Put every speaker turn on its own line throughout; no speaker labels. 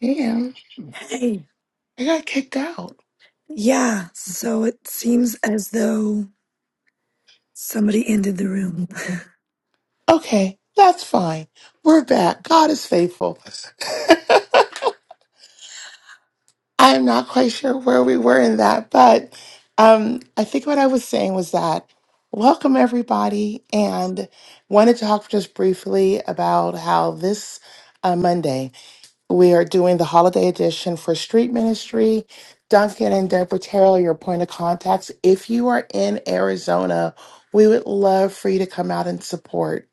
Damn,
Hey,
I got kicked out.
yeah, so it seems as though somebody ended the room.
Okay, that's fine. We're back. God is faithful. I am not quite sure where we were in that, but um, I think what I was saying was that welcome everybody, and want to talk just briefly about how this uh, Monday we are doing the holiday edition for Street Ministry. Duncan and Deborah Terrell, your point of contacts. If you are in Arizona, we would love for you to come out and support.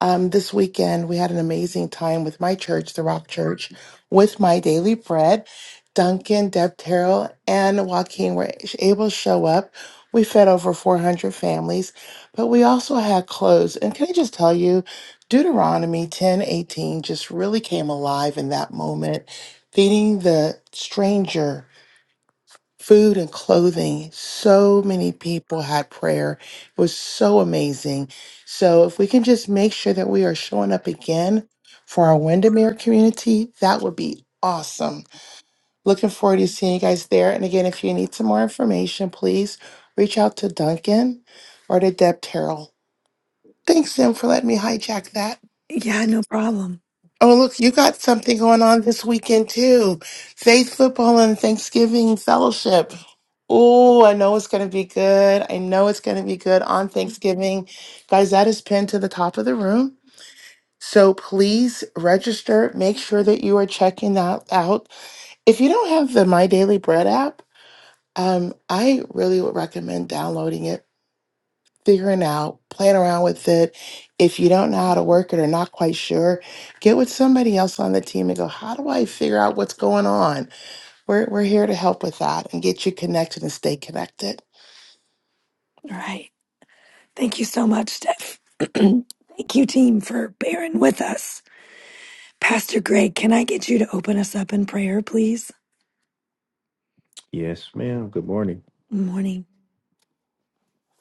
Um, this weekend, we had an amazing time with my church, the Rock Church, with my daily bread. Duncan, Deb Terrell, and Joaquin were able to show up. We fed over 400 families, but we also had clothes. And can I just tell you, Deuteronomy 10 18 just really came alive in that moment, feeding the stranger food and clothing. So many people had prayer. It was so amazing. So if we can just make sure that we are showing up again for our Windermere community, that would be awesome. Looking forward to seeing you guys there. And again, if you need some more information, please reach out to Duncan or to Deb Terrell. Thanks, Zim, for letting me hijack that.
Yeah, no problem.
Oh, look, you got something going on this weekend too. Faith football and Thanksgiving fellowship. Oh, I know it's going to be good. I know it's going to be good on Thanksgiving. Guys, that is pinned to the top of the room. So please register. Make sure that you are checking that out. If you don't have the My Daily Bread app, um, I really would recommend downloading it, figuring out, playing around with it. If you don't know how to work it or not quite sure, get with somebody else on the team and go, how do I figure out what's going on? We're, we're here to help with that and get you connected and stay connected.
All right. Thank you so much, Steph. Thank you, team, for bearing with us. Pastor Greg, can I get you to open us up in prayer, please?
Yes, ma'am. Good morning.
Morning.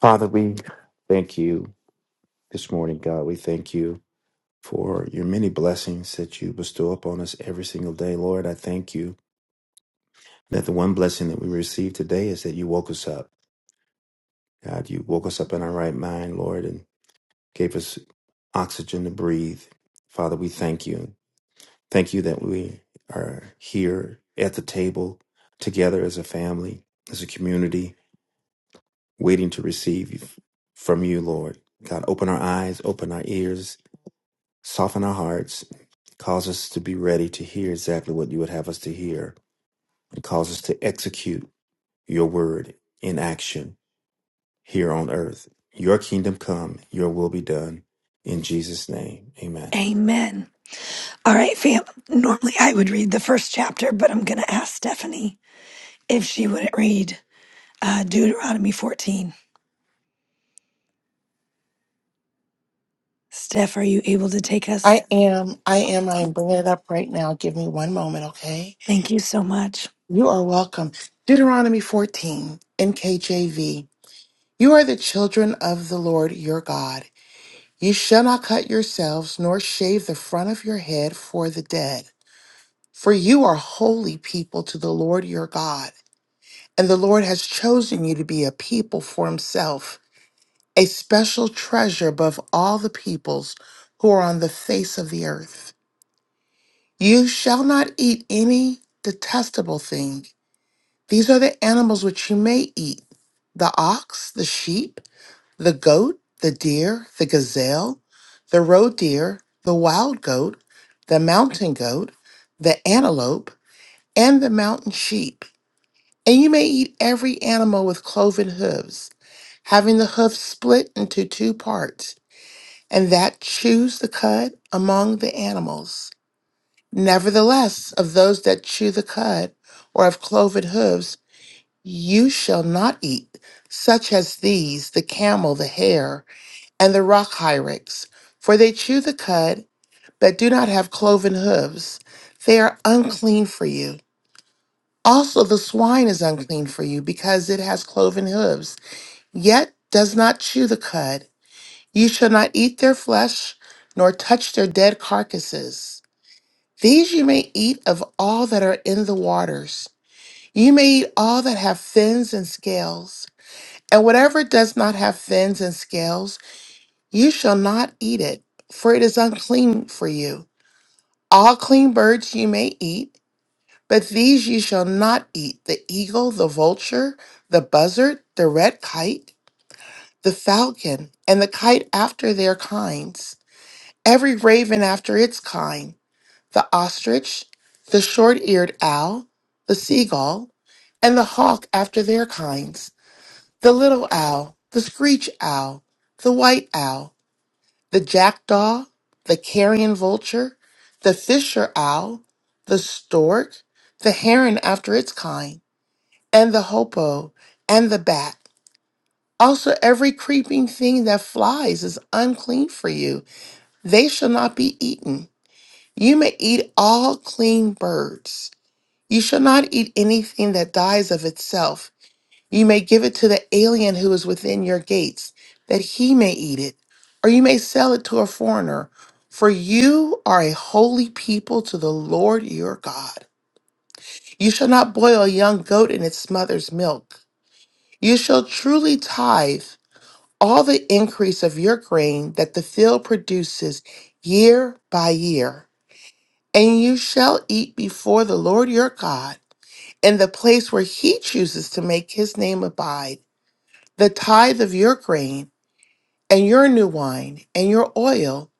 Father, we thank you this morning, God. We thank you for your many blessings that you bestow upon us every single day, Lord. I thank you that the one blessing that we received today is that you woke us up. God, you woke us up in our right mind, Lord, and gave us oxygen to breathe. Father, we thank you. Thank you that we are here at the table together as a family, as a community. waiting to receive from you, Lord. God, open our eyes, open our ears, soften our hearts, cause us to be ready to hear exactly what you would have us to hear, and cause us to execute your word in action here on earth. Your kingdom come, your will be done. In Jesus' name, amen.
Amen. All right, fam. Normally I would read the first chapter, but I'm going to ask Stephanie if she wouldn't read uh, Deuteronomy 14. Steph, are you able to take us?
I am. I am. I am bringing it up right now. Give me one moment, okay?
Thank you so much.
You are welcome. Deuteronomy 14, NKJV. You are the children of the Lord your God. You shall not cut yourselves nor shave the front of your head for the dead. For you are holy people to the Lord your God, and the Lord has chosen you to be a people for himself. a special treasure above all the peoples who are on the face of the earth. You shall not eat any detestable thing. These are the animals which you may eat the ox, the sheep, the goat, the deer, the gazelle, the roe deer, the wild goat, the mountain goat, the antelope, and the mountain sheep. And you may eat every animal with cloven hooves, having the hoof split into two parts and that chews the cud among the animals. Nevertheless, of those that chew the cud or have cloven hooves, you shall not eat, such as these the camel, the hare, and the rock hyrax, for they chew the cud, but do not have cloven hooves. They are unclean for you. Also, the swine is unclean for you because it has cloven hooves, yet does not chew the cud. You shall not eat their flesh, nor touch their dead carcasses. These you may eat of all that are in the waters. You may eat all that have fins and scales, and whatever does not have fins and scales, you shall not eat it, for it is unclean for you. All clean birds you may eat, but these you shall not eat the eagle, the vulture, the buzzard, the red kite, the falcon, and the kite after their kinds Every raven after its kind, the ostrich, the short eared owl, the seagull, and the hawk after their kinds, the little owl, the screech owl, the white owl, the jackdaw, the carrion vulture, the fisher owl, the stork, the heron after its kind, and the hoopoe, and the bat. Also, every creeping thing that flies is unclean for you. They shall not be eaten. You may eat all clean birds. You shall not eat anything that dies of itself. You may give it to the alien who is within your gates, that he may eat it, or you may sell it to a foreigner. For you are a holy people to the Lord your God. You shall not boil a young goat in its mother's milk. You shall truly tithe all the increase of your grain that the field produces year by year. And you shall eat before the Lord your God in the place where he chooses to make his name abide, the tithe of your grain, and your new wine, and your oil,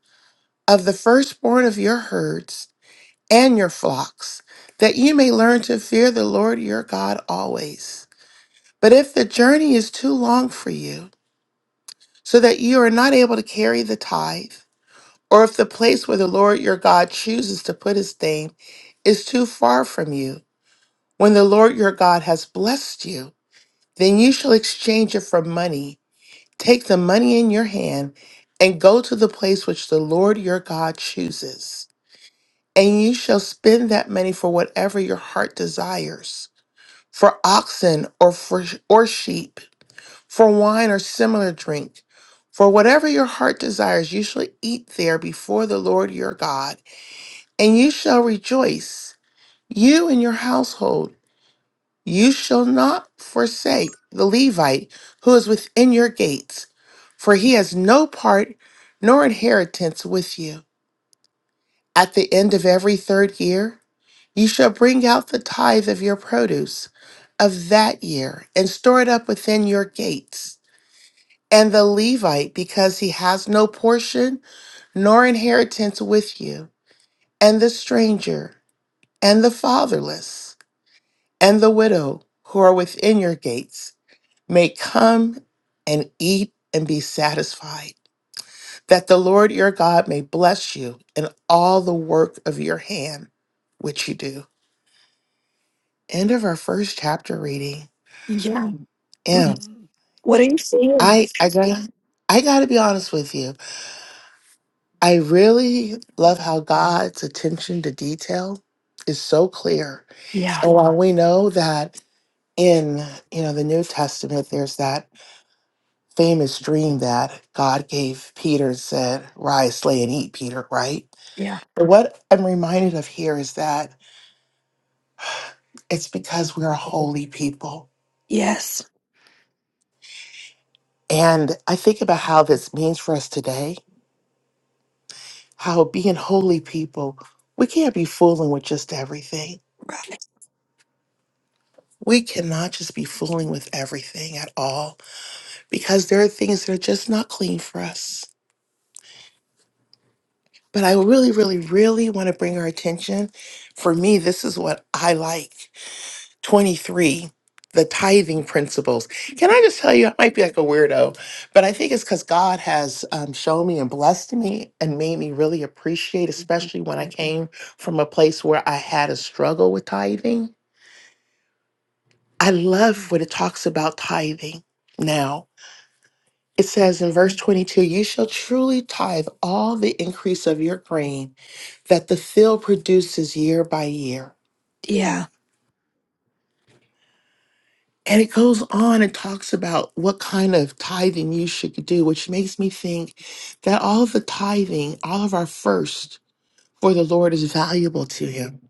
of the firstborn of your herds and your flocks, that you may learn to fear the Lord your God always. But if the journey is too long for you, so that you are not able to carry the tithe, or if the place where the Lord your God chooses to put his name is too far from you, When the Lord your God has blessed you, then you shall exchange it for money. Take the money in your hand and go to the place which the Lord your God chooses. And you shall spend that money for whatever your heart desires, for oxen or for or sheep, for wine or similar drink. For whatever your heart desires, you shall eat there before the Lord your God, and you shall rejoice, you and your household You shall not forsake the Levite who is within your gates, for he has no part nor inheritance with you. At the end of every third year, you shall bring out the tithe of your produce of that year and store it up within your gates. And the Levite, because he has no portion nor inheritance with you, and the stranger, and the fatherless, and the widow who are within your gates, may come and eat and be satisfied, that the Lord your God may bless you in all the work of your hand, which you do. End of our first chapter reading. And I, I gotta, I gotta be honest with you. I really love how God's attention to detail is so clear.
Yeah.
And while we know that in you know the New Testament, there's that famous dream that God gave Peter and said, "Rise, slay, and eat, Peter." Right?
Yeah.
But what I'm reminded of here is that it's because we're a holy people.
Yes.
And I think about how this means for us today, how being holy people, we can't be fooling with just everything.
Right.
We cannot just be fooling with everything at all because there are things that are just not clean for us. But I really, really, really want to bring our attention. For me, this is what I like. 23 the tithing principles can i just tell you i might be like a weirdo but i think it's because god has um, shown me and blessed me and made me really appreciate especially when i came from a place where i had a struggle with tithing i love what it talks about tithing now it says in verse 22 you shall truly tithe all the increase of your grain that the field produces year by year
Yeah.
And it goes on and talks about what kind of tithing you should do, which makes me think that all of the tithing, all of our first for the Lord is valuable to him.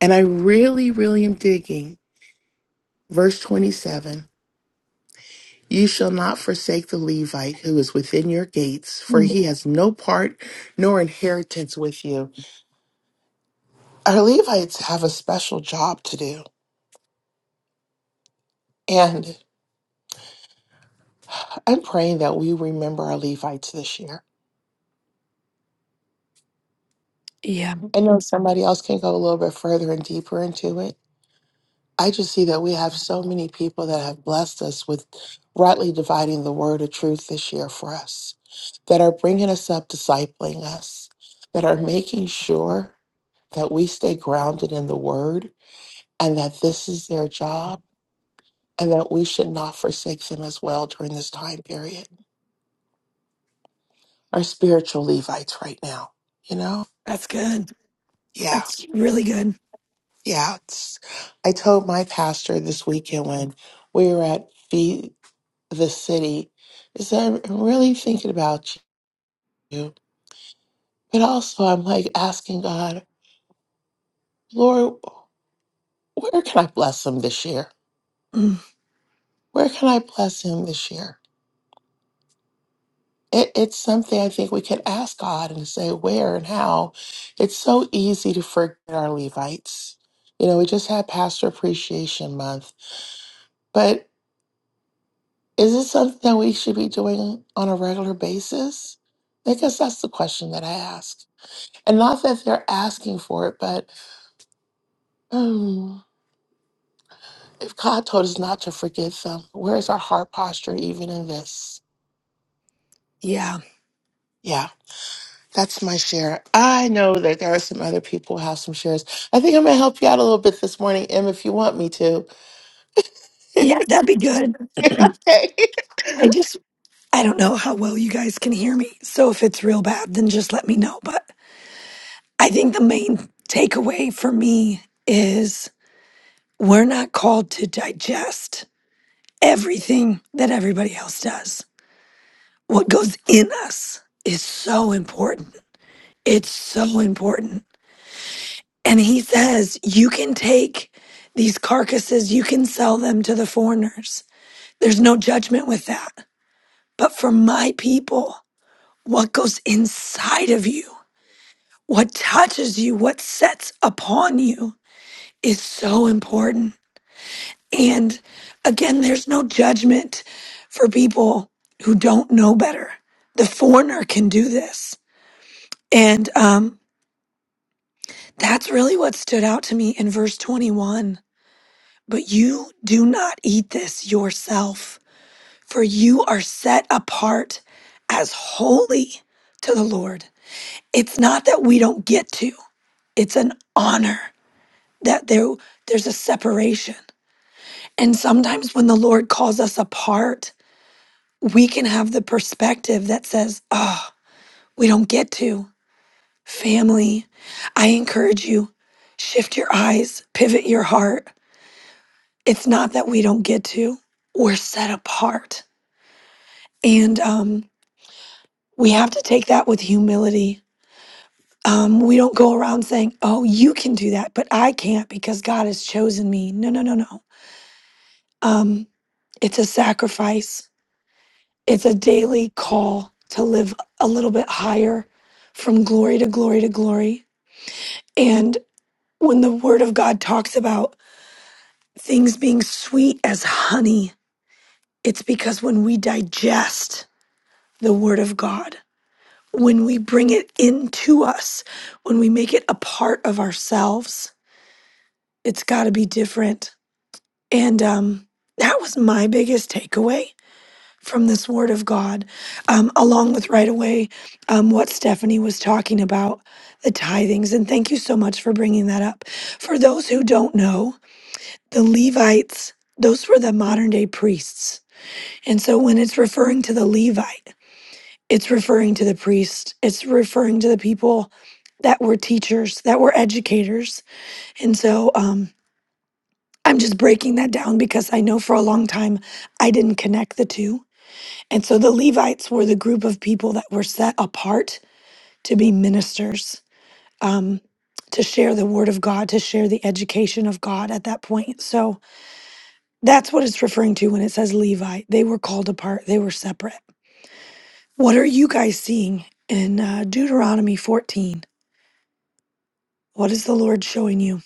And I really, really am digging verse 27 You shall not forsake the Levite who is within your gates, for
Mm.
he has no part nor inheritance with you. Our Levites have a special job to do. And I'm praying that we remember our Levites this year.
Yeah.
I know somebody else can go a little bit further and deeper into it. I just see that we have so many people that have blessed us with rightly dividing the word of truth this year for us, that are bringing us up, discipling us, that are making sure that we stay grounded in the word and that this is their job and that we should not forsake them as well during this time period. Our spiritual Levites right now, you know?
That's good.
Yeah.
That's really good.
Yeah, it's, I told my pastor this weekend when we were at the, the city, I said, I'm really thinking about you. But also, I'm like asking God, Lord, where can I bless him this year?
Mm.
Where can I bless him this year? It, it's something I think we could ask God and say where and how. It's so easy to forget our Levites. You know, we just had Pastor Appreciation Month, but. Is this something that we should be doing on a regular basis? I guess that's the question that I ask. And not that they're asking for it, but hmm, if God told us not to forgive them, where is our heart posture even in this?
Yeah.
Yeah, that's my share. I know that there are some other people who have some shares. I think I'm going to help you out a little bit this morning, Em, if you want me to.
Yeah. That'd be good.
okay.
I just, I don't know how well you guys can hear me. So if it's real bad, then just let me know. But I think the main takeaway for me is we're not called to digest everything that everybody else does. What goes in us is so important. It's so important And he says, You can take these carcasses, you can sell them to the foreigners. There's no judgment with that. But for my people, what goes inside of you, what touches you, what sets upon you is so important. And again, there's no judgment for people who don't know better. The foreigner can do this. And um, that's really what stood out to me in verse 21 But you do not eat this yourself, for you are set apart as holy to the Lord. It's not that we don't get to, it's an honor that there, there's a separation. And sometimes when the Lord calls us apart, we can have the perspective that says, oh, we don't get to. Family, I encourage you, shift your eyes, pivot your heart. It's not that we don't get to, we're set apart And um, we have to take that with humility. Um, we don't go around saying, oh, you can do that, but I can't because God has chosen me. No, no, no, no. Um, it's a sacrifice, it's a daily call to live a little bit higher from glory to glory to glory. And when the word of God talks about things being sweet as honey, it's because when we digest the word of God, when we bring it into us, when we make it a part of ourselves, it's got to be different. And um, that was my biggest takeaway from this Word of God, um, along with right away um, what Stephanie was talking about the tithings. And thank you so much for bringing that up. For those who don't know, the Levites, those were the modern day priests. And so when it's referring to the Levite, It's referring to the priest, it's referring to the people that were teachers, that were educators. And so um, I'm just breaking that down because I know for a long time I didn't connect the two. And so the Levites were the group of people that were set apart to be ministers. Um, to share the word of God, to share the education of God at that point. So that's what it's referring to when it says Levi. They were called apart, they were separate. What are you guys seeing in uh, Deuteronomy 14? What is the Lord showing you?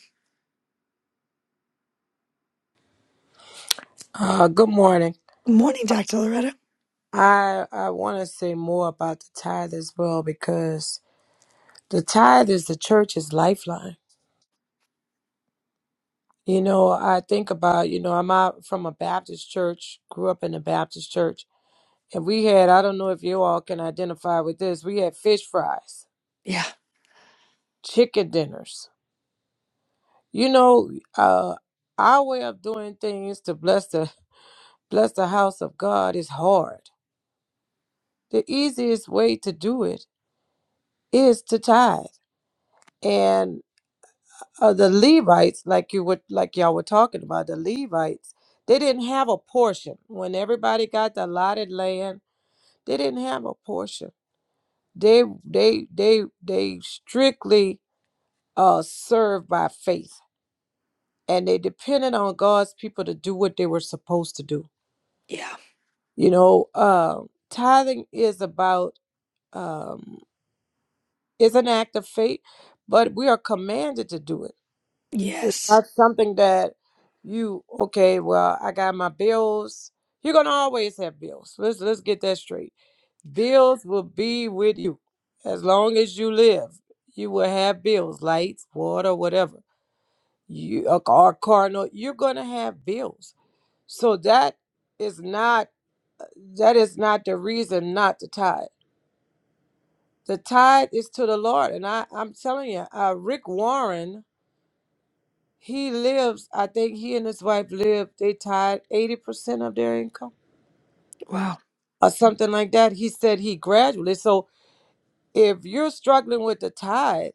Uh, good morning.
Good morning, Dr. Loretta.
I I want to say more about the tithe as well because the tithe is the church's lifeline. You know, I think about you know I'm out from a Baptist church, grew up in a Baptist church, and we had I don't know if you all can identify with this. We had fish fries,
Yeah.
chicken dinners. You know, uh, our way of doing things to bless the bless the house of God is hard. The easiest way to do it is to tithe. uh, the Levites, like you would, like y'all were talking about, the Levites, they didn't have a portion. When everybody got the allotted land, they didn't have a portion. They they they they strictly uh served by faith, and they depended on God's people to do what they were supposed to do.
Yeah.
You know, uh, tithing is about um, is an act of faith, but we are commanded to do it It's
Yes.
not something that you okay. Well, I got my bills. You're gonna always have bills. Let's let's get that straight. Bills will be with you as long as you live. You will have bills, lights, water, whatever. You a car, car no, you're gonna have bills. So that is not that is not the reason not to tithe. The tithe is to the Lord, and I I'm telling you, uh, Rick Warren He lives, I think he and his wife live, they tied 80% of their income
Wow.
or something like that. He said he gradually. So if you're struggling with the tithe,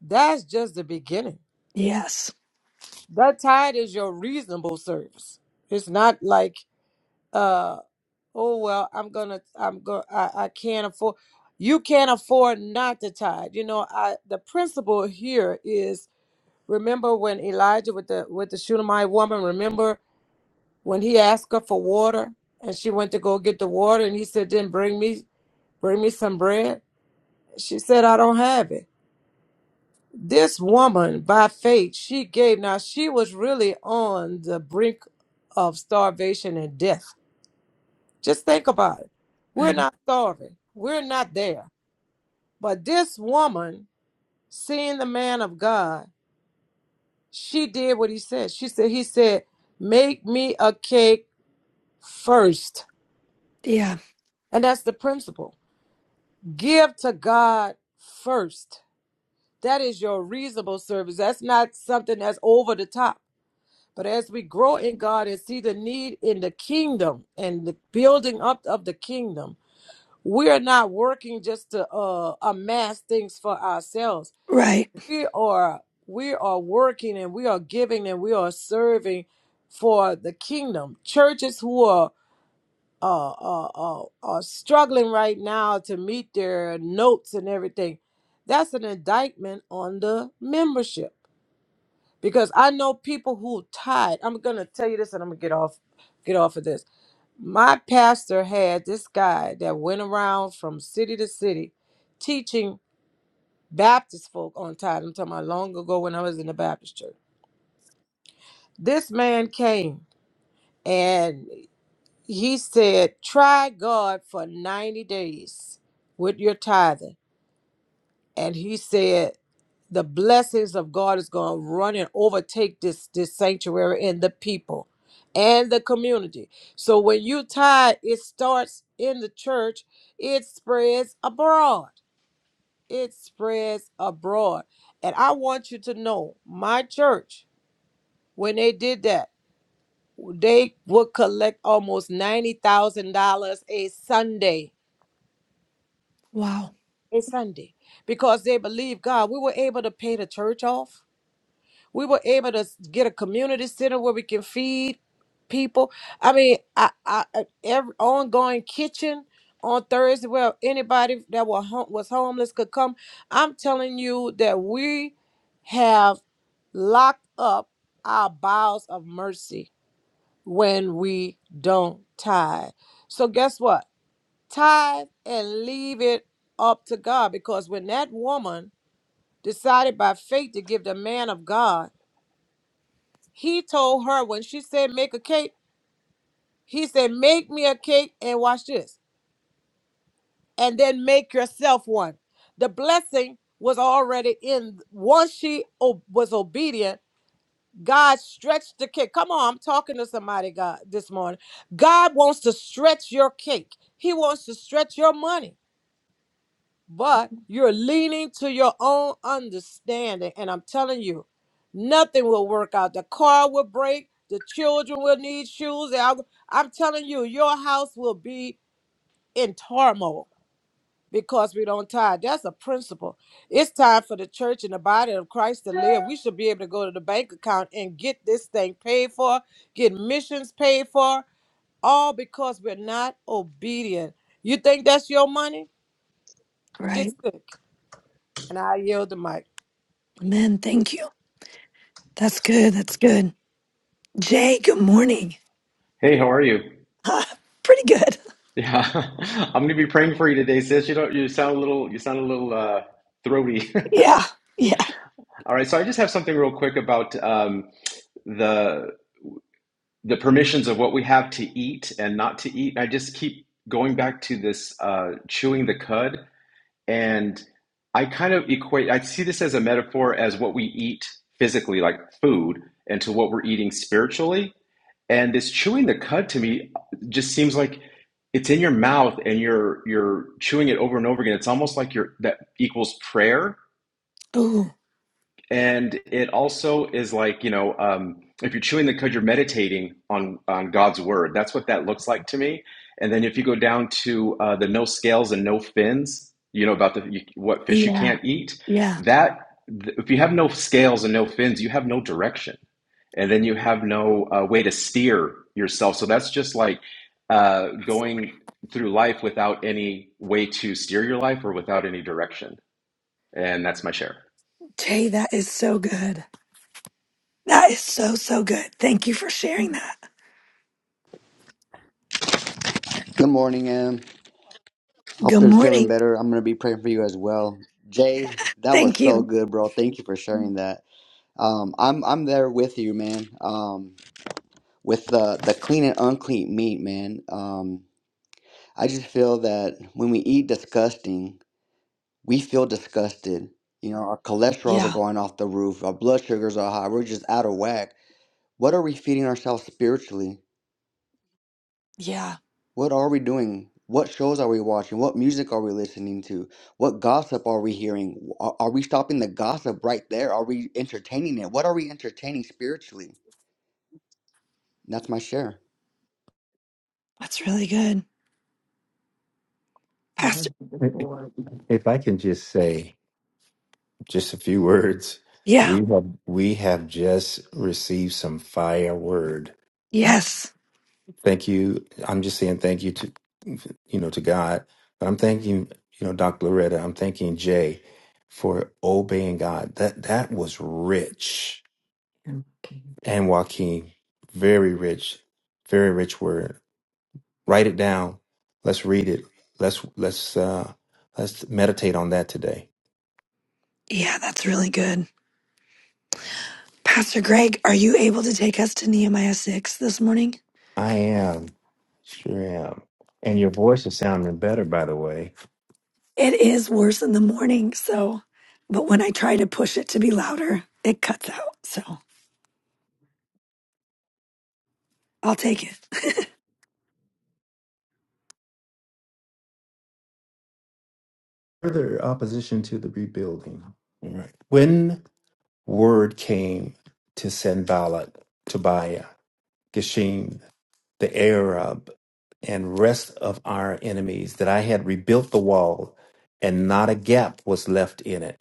that's just the beginning.
Yes.
That tithe is your reasonable service. It's not like, uh, oh well, I'm gonna, I'm gonna, I, I can't afford. You can't afford not to tithe. You know, I the principle here is remember when Elijah with the with the Shunammite woman. Remember when he asked her for water and she went to go get the water and he said then bring me bring me some bread she said i don't have it this woman by faith she gave now she was really on the brink of starvation and death just think about it we're
Right.
not starving we're not there but this woman seeing the man of god she did what he said she said he said make me a cake first
Yeah.
and that's the principle Give to God first. That is your reasonable service. That's not something that's over the top. But as we grow in God and see the need in the kingdom and the building up of the kingdom, we are not working just to uh, amass things for ourselves.
Right.
We are we are working and we are giving and we are serving for the kingdom. Churches who are uh, uh, uh, are struggling right now to meet their notes and everything, that's an indictment on the membership. Because I know people who tied. I'm gonna tell you this, and I'm gonna get off, get off of this. My pastor had this guy that went around from city to city, teaching Baptist folk on tithe. I'm talking about long ago when I was in the Baptist church. This man came, and he said, try God for 90 days with your tithing. And he said, the blessings of God is going to run and overtake this, this sanctuary and the people and the community. So when you tithe, it starts in the church, it spreads abroad. It spreads abroad. And I want you to know my church, when they did that, they would collect almost $90,000 a Sunday
Wow.
a Sunday because they believe God. We were able to pay the church off. We were able to get a community center where we can feed people. I mean, I, I I- every ongoing kitchen on Thursday where anybody that were home, was homeless could come. I'm telling you that we have locked up our bowels of mercy when we don't tithe. So guess what? tithe and leave it up to God. Because when that woman decided by faith to give the man of God, he told her when she said, Make a cake, he said, Make me a cake and watch this, and then make yourself one. The blessing was already in. Once she o- was obedient, God stretched the cake. Come on, I'm talking to somebody, God, this morning. God wants to stretch your cake, He wants to stretch your money. but you're leaning to your own understanding. And I'm telling you, nothing will work out. The car will break, the children will need shoes. and I- I'm telling you, your house will be in turmoil because we don't tie. That's a principle. It's time for the church and the body of Christ to live. We should be able to go to the bank account and get this thing paid for, get missions paid for, all because we're not obedient. You think that's your money? Get
Right.
sick. And I yield the mic.
Amen. Thank you. That's good. That's good. Jay, good morning.
Hey, how are you?
Huh, pretty good.
Yeah, I'm gonna be praying for you today, sis. You don't, you sound a little, you sound a little uh, throaty.
Yeah. Yeah.
All right, so I just have something real quick about um, the the permissions of what we have to eat and not to eat. I just keep going back to this uh, chewing the cud, and I kind of equate. I see this as a metaphor as what we eat physically, like food, and to what we're eating spiritually. and this chewing the cud to me just seems like it's in your mouth and you're you're chewing it over and over again it's almost like you're that equals prayer
Ooh.
and it also is like you know um, if you're chewing the cud you're meditating on on god's word that's what that looks like to me and then if you go down to uh, the no scales and no fins you know about the you, what fish you
Yeah.
can't eat
Yeah.
that if you have no scales and no fins you have no direction and then you have no uh, way to steer yourself. So that's just like uh, going through life without any way to steer your life or without any direction. And that's my share.
Jay, that is so good. That is so, so good. Thank you for sharing that.
Good morning, Em. Hope
Good
you're feeling
morning.
better. I'm gonna be praying for you as well. Jay, that was
Thank
so
you.
good, bro. Thank you for sharing that. Um, I'm I'm there with you, man. Um, with the the clean and unclean meat, man. Um, I just feel that when we eat disgusting, we feel disgusted. You know, our cholesterols are
Yeah.
going off the roof. Our blood sugars are high. We're just out of whack. What are we feeding ourselves spiritually?
Yeah.
What are we doing? What shows are we watching? What music are we listening to? What gossip are we hearing? Are, are we stopping the gossip right there? Are we entertaining it? What are we entertaining spiritually? That's my share.
That's really good. Pastor.
If I can just say just a few words, we
Yeah.
have we have just received some fire word
Yes.
Thank you. I'm just saying thank you to, you know, to God. But I'm thanking, you know, Dr. Loretta. I'm thanking Jay for obeying God. That that was rich. Okay. And Joaquin, very rich, very rich word. Write it down. Let's read it. Let's let's uh let's meditate on that today.
Yeah, that's really good. Pastor Greg, are you able to take us to Nehemiah 6 this morning?
I am. Sure am. And your voice is sounding better, by the way.
It is worse in the morning, so, but when I try to push it to be louder, it cuts out. So I'll take it.
Further opposition to the rebuilding. Right When word came to Sanballat, Tobiah, Geshem, the Arab, and rest of our enemies that I had rebuilt the wall, and not a gap was left in it.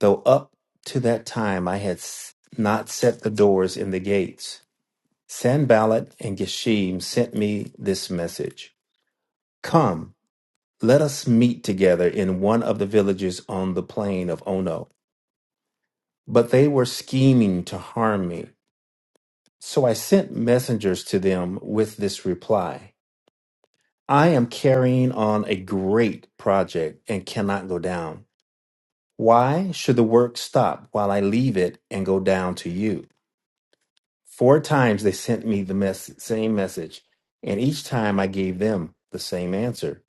Though up to that time I had s- not set the doors in the gates. Sanballat and Geshem sent me this message: Come, let us meet together in one of the villages on the plain of Ono. But they were scheming to harm me. So I sent messengers to them with this reply I am carrying on a great project and cannot go down. Why should the work stop while I leave it and go down to you? Four times they sent me the mess- same message, and each time I gave them the same answer.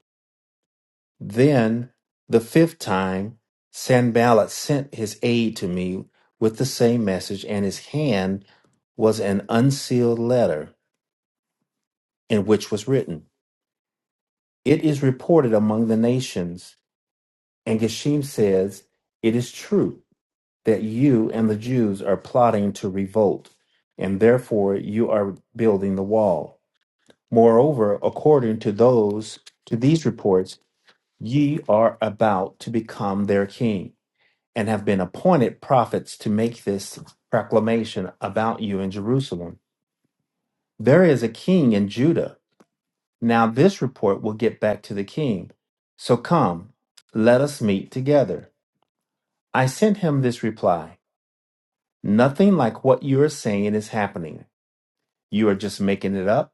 Then, the fifth time, Sanballat sent his aide to me with the same message, and his hand was an unsealed letter in which was written. It is reported among the nations, and Geshem says, It is true that you and the Jews are plotting to revolt, and therefore you are building the wall. Moreover, according to those to these reports, ye are about to become their king, and have been appointed prophets to make this proclamation about you in Jerusalem. There is a king in Judah Now this report will get back to the king. So come, let us meet together. I sent him this reply Nothing like what you are saying is happening. You are just making it up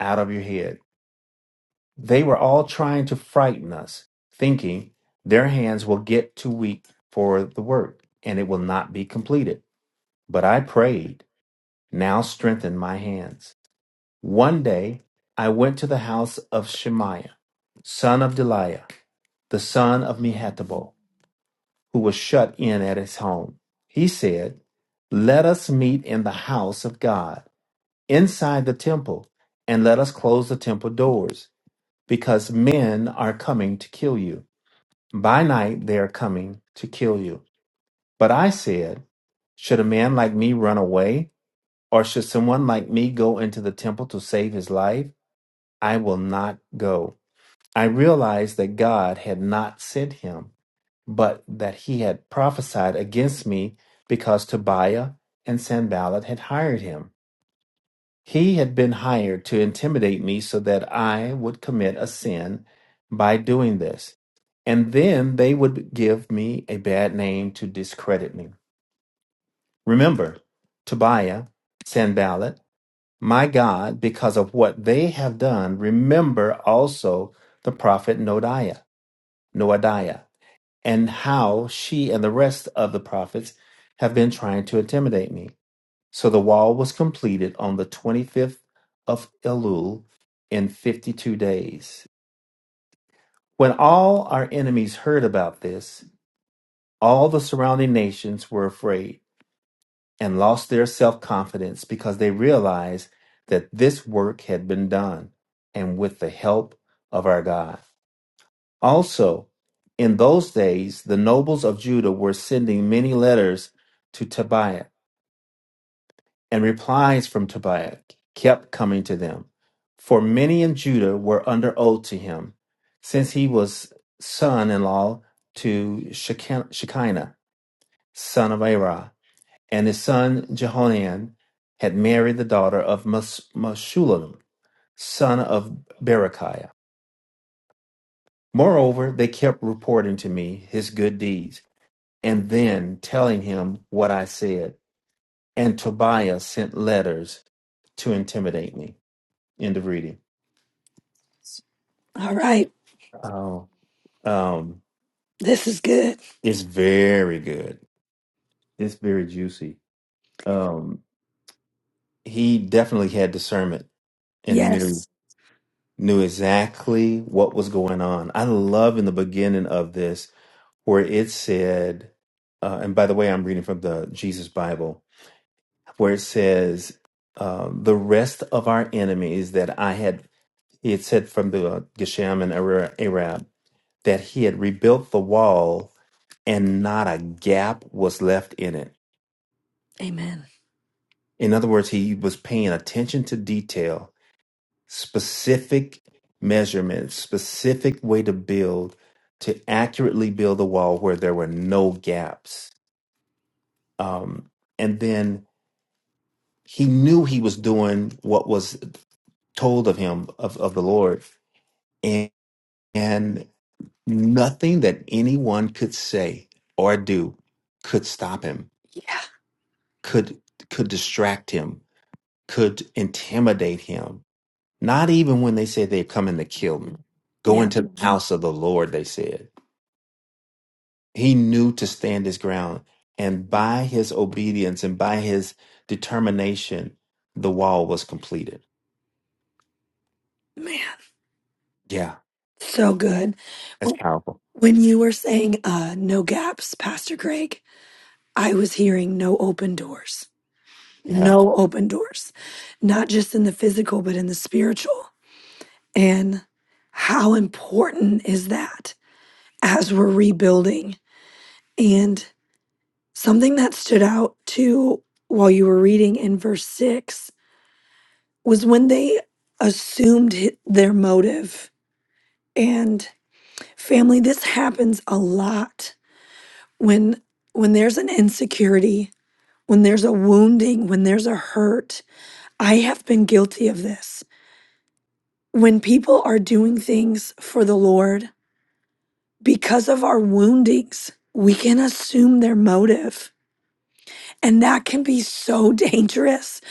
out of your head. They were all trying to frighten us, thinking their hands will get too weak for the work and it will not be completed. But I prayed, Now strengthen my hands. One day I went to the house of Shemaiah, son of Deliah, the son of Mehetabel, who was shut in at his home. He said, Let us meet in the house of God, inside the temple, and let us close the temple doors, because men are coming to kill you. By night they are coming to kill you. But I said, Should a man like me run away? Or should someone like me go into the temple to save his life? I will not go. I realized that God had not sent him, but that he had prophesied against me because Tobiah and Sanballat had hired him. He had been hired to intimidate me so that I would commit a sin by doing this. And then they would give me a bad name to discredit me. Remember, Tobiah, Sanballat, my God, because of what they have done, remember also the prophet Noadiah, Noadiah, and how she and the rest of the prophets have been trying to intimidate me. So the wall was completed on the 25th of Elul in 52 days. When all our enemies heard about this, all the surrounding nations were afraid. and lost their self confidence because they realized that this work had been done and with the help of our God. Also, in those days, the nobles of Judah were sending many letters to Tobiah, and replies from Tobiah kept coming to them. For many in Judah were under oath to him, since he was son in law to Shekin- Shekinah, son of Arah and his son Jehonan had married the daughter of Mes- son of Berechiah. Moreover, they kept reporting to me his good deeds, and then telling him what I said. And Tobiah sent letters to intimidate me. End of reading.
All right.
Oh, um,
This is good.
it's very good. It's very juicy. Um, he definitely had discernment and knew.
Yes.
knew exactly what was going on. I love in the beginning of this where it said, uh, and by the way, I'm reading from the Jesus Bible, where it says, uh, the rest of our enemies that I had, it said from the uh, Geshem and Ara- Arab, that he had rebuilt the wall and not a gap was left in it.
Amen.
In other words, he was paying attention to detail specific measurements, specific way to build to accurately build a wall where there were no gaps. Um, and then he knew he was doing what was told of him of, of the Lord. And, and nothing that anyone could say or do could stop him,
Yeah.
could could distract him, could intimidate him. Not even when they said they're coming to kill him. Go
Yeah.
into the house of the Lord, they said He knew to stand his ground. And by his obedience and by his determination, the wall was completed.
Man,
Yeah,
so good.
that's
Well,
powerful.
When you were saying uh, no gaps, Pastor Greg, I was hearing no open doors.
Yeah.
No open doors, not just in the physical, but in the spiritual. And how important is that as we're rebuilding? And something that stood out too while you were reading in verse six was when they assumed hi- their motive. And family, this happens a lot when when there's an insecurity, when there's a wounding, when there's a hurt. I have been guilty of this. When people are doing things for the Lord because of our woundings, we can assume their motive. And that can be so dangerous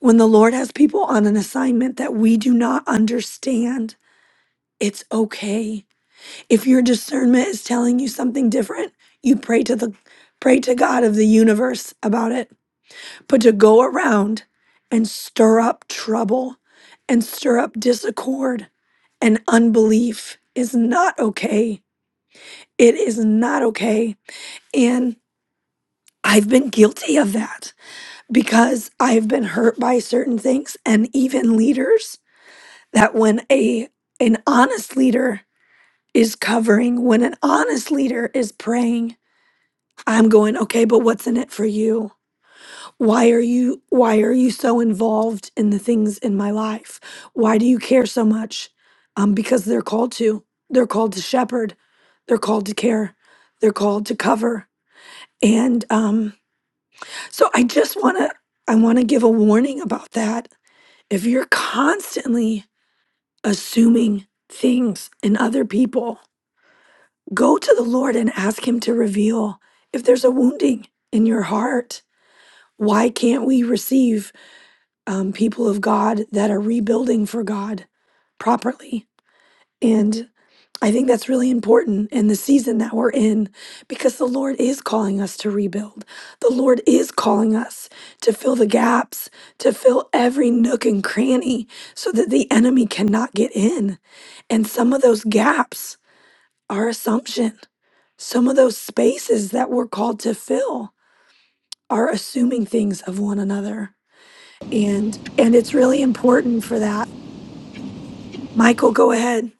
when the Lord has people on an assignment that we do not understand. It's okay. If your discernment is telling you something different, you pray to the pray to God of the universe about it. But to go around and stir up trouble and stir up discord and unbelief is not okay. It is not okay. And I've been guilty of that because I've been hurt by certain things and even leaders that when a an honest leader is covering, when an honest leader is praying, I'm going, okay, but what's in it for you? Why are you why are you so involved in the things in my life? Why do you care so much? Um, because they're called to. They're called to shepherd. They're called to care. They're called to cover. And um So I just want to I want to give a warning about that. If you're constantly assuming things in other people, go to the Lord and ask him to reveal if there's a wounding in your heart. Why can't we receive um, people of God that are rebuilding for God properly? and? I think that's really important in the season that we're in because the Lord is calling us to rebuild. The Lord is calling us to fill the gaps, to fill every nook and cranny so that the enemy cannot get in. And some of those gaps are assumption. Some of those spaces that we're called to fill are assuming things of one another. And and it's really important for that. Michael, go ahead.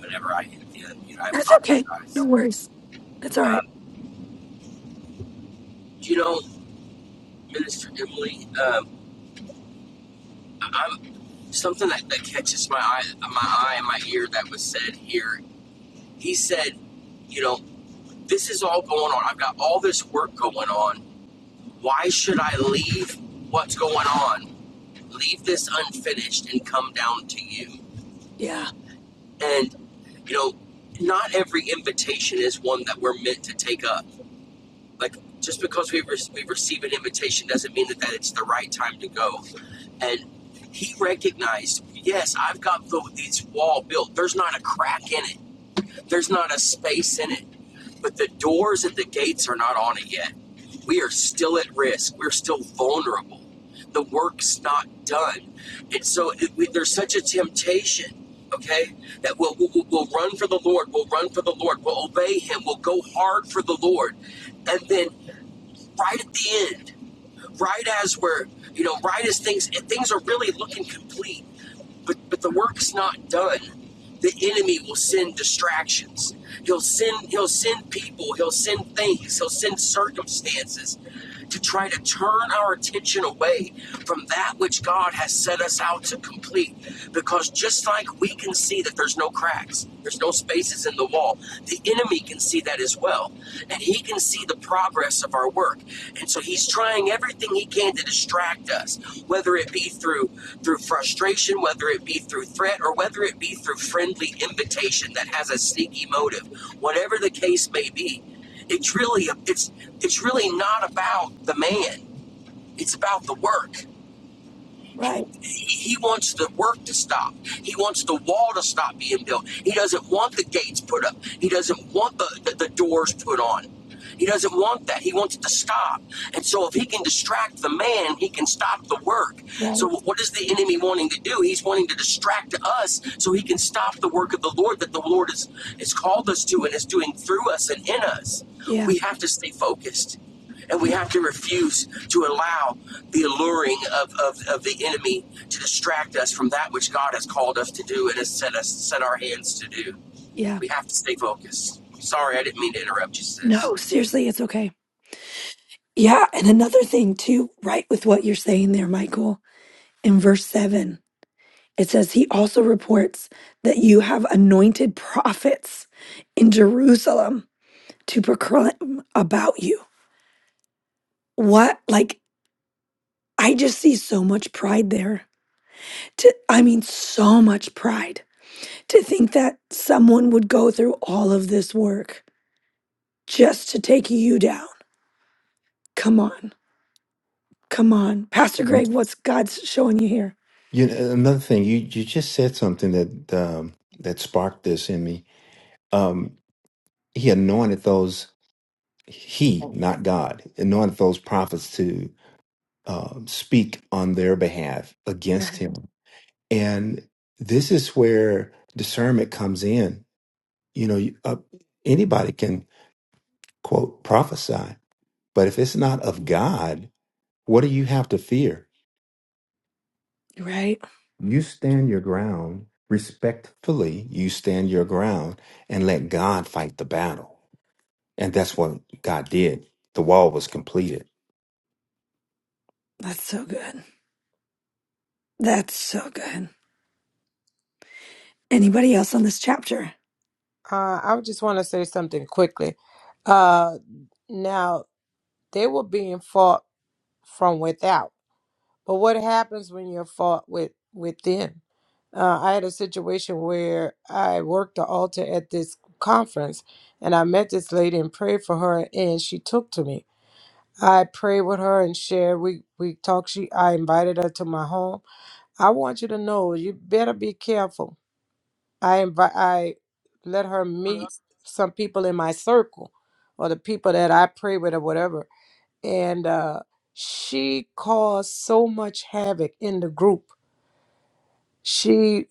whenever I can get. You know, I
That's okay. No
apologize.
worries. That's all right.
Um, you know, Minister Emily, um, I- am something that, that catches my eye, my eye and my ear that was said here. He said, you know, this is all going on. I've got all this work going on. Why should I leave what's going on? Leave this unfinished and come down to you.
Yeah.
And you know, not every invitation is one that we're meant to take up Like just because we re- we receive an invitation doesn't mean that, that it's the right time to go. And he recognized, yes, I've got the, this wall built. There's not a crack in it. There's not a space in it. But the doors and the gates are not on it yet. We are still at risk. We're still vulnerable. The work's not done. And so it, we, there's such a temptation, okay, that we'll, we'll, we'll run for the Lord. We'll run for the Lord. We'll obey Him. We'll go hard for the Lord. And then right at the end, right as we're, you know, right as things things are really looking complete, but but the work's not done. The enemy will send distractions. He'll send he'll send people. He'll send things. He'll send circumstances to try to turn our attention away from that which God has set us out to complete. Because just like we can see that there's no cracks, there's no spaces in the wall, the enemy can see that as well. And he can see the progress of our work. And so he's trying everything he can to distract us, whether it be through through frustration, whether it be through threat, or whether it be through friendly invitation that has a sneaky motive. Whatever the case may be, it's really it's it's really not about the man. It's about the work.
Right.
He wants the work to stop. He wants the wall to stop being built. He doesn't want the gates put up. He doesn't want the, the, the doors put on. He doesn't want that. He wants it to stop. And so, if he can distract the man, he can stop the work. So,
Right.
what is the enemy wanting to do? He's wanting to distract us so he can stop the work of the Lord that the Lord has, has called us to and is doing through us and in us.
Yeah.
We have to stay focused. And we have to refuse to allow the alluring of, of, of the enemy to distract us from that which God has called us to do and has set us set our hands to do.
Yeah.
We have to stay focused. Sorry, I didn't mean to interrupt you, sis.
No, seriously, it's okay. Yeah. And another thing, too, right with what you're saying there, Michael, in verse seven, it says, He also reports that you have anointed prophets in Jerusalem to proclaim about you. What, like, I just see so much pride there. To, I mean, so much pride to think that someone would go through all of this work just to take you down. Come on. Come on. Pastor Greg, what's God's showing you here?
You know, another thing, you, you just said something that um, that sparked this in me. Um, he anointed those, he, not God, anointed those prophets to um, speak on their behalf against him. And this is where discernment comes in. You know, you, uh, anybody can quote, prophesy. But if it's not of God, what do you have to fear?
Right?
You stand your ground respectfully, you stand your ground and let God fight the battle. And that's what God did. The wall was completed.
That's so good. That's so good. Anybody else on this chapter?
Uh, I just want to say something quickly. Uh, now they were being fought from without, but what happens when you're fought with within? Uh, I had a situation where I worked the altar at this conference, and I met this lady and prayed for her, and she took to me. I prayed with her and shared. We we talked. She I invited her to my home. I want you to know you better be careful I invite I let her meet some people in my circle or the people that I pray with or whatever. And uh she caused so much havoc in the group. She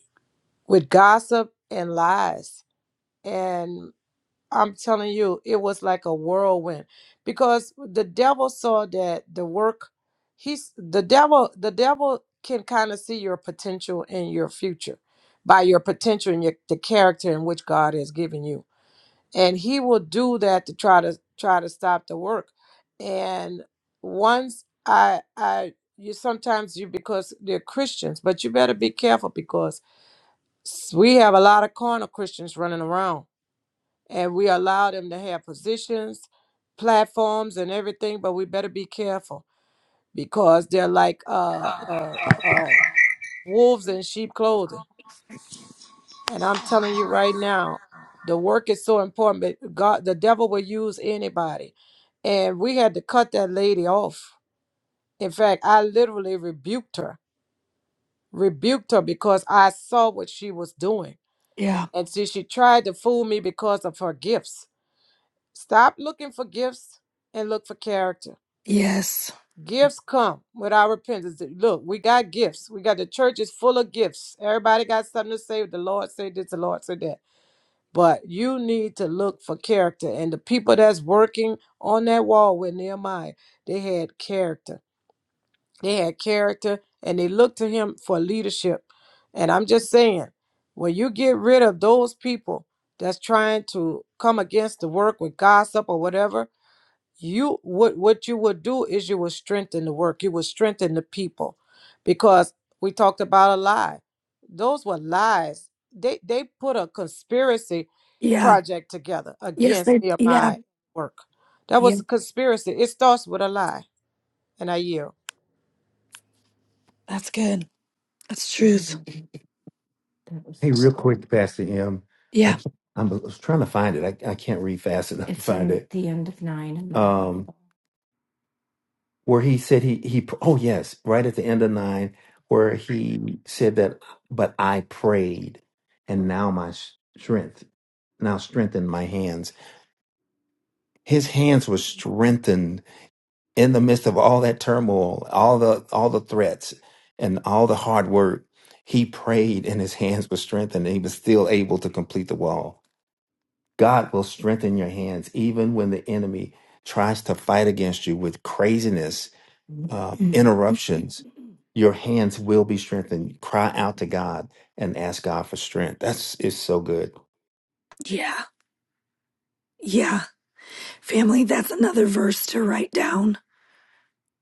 would gossip and lies. And I'm telling you, it was like a whirlwind because the devil saw that the work he's the devil the devil can kind of see your potential and your future by your potential and your, the character in which God has given you and he will do that to try to try to stop the work and once i i you sometimes you because they're christians but you better be careful because s- we have a lot of carnal christians running around and we allow them to have positions platforms and everything but we better be careful because they're like uh uh uh wolves in sheep
Thank
clothing
you,
And I'm telling you right now, the work is so important, but God, the devil will use anybody. And we had to cut that lady off. In fact, I literally rebuked her, rebuked her because I saw what she was doing.
Yeah.
And see, she tried to fool me because of her gifts. Stop looking for gifts and look for character.
Yes.
Gifts come with our repentance. Look, we got gifts. We got the church is full of gifts. Everybody got something to say. The Lord said this, the Lord said that But you need to look for character. And the people that's working on that wall with Nehemiah, they had character. They had character and they looked to him for leadership. And I'm just saying, when you get rid of those people that's trying to come against the work with gossip or whatever, you what what you would do is you would strengthen the work you would strengthen the people because we talked about a lie those were lies they they put a conspiracy
Yeah.
project together
Yes, they
against
yeah.
nehemiah work that
Yeah.
was a conspiracy it starts with a lie and i yield
That's good. That's truth.
Hey, so real cool. quick, Pastor M. I
Yeah.
can't, I'm, I was trying to find it. I, I can't read fast enough to find it. Um, Bible. where he said he he. Oh yes, right at the end of nine, where he said that. But I prayed, and now my s- strength now strengthened my hands. His hands were strengthened in the midst of all that turmoil, all the all the threats, and all the hard work. He prayed, and his hands were strengthened, and he was still able to complete the wall. God will strengthen your hands even when the enemy tries to fight against you with craziness, uh, interruptions. Your hands will be strengthened. Cry out to God and ask God for strength. That's it's so good.
Yeah. Yeah. Family, that's another verse to write down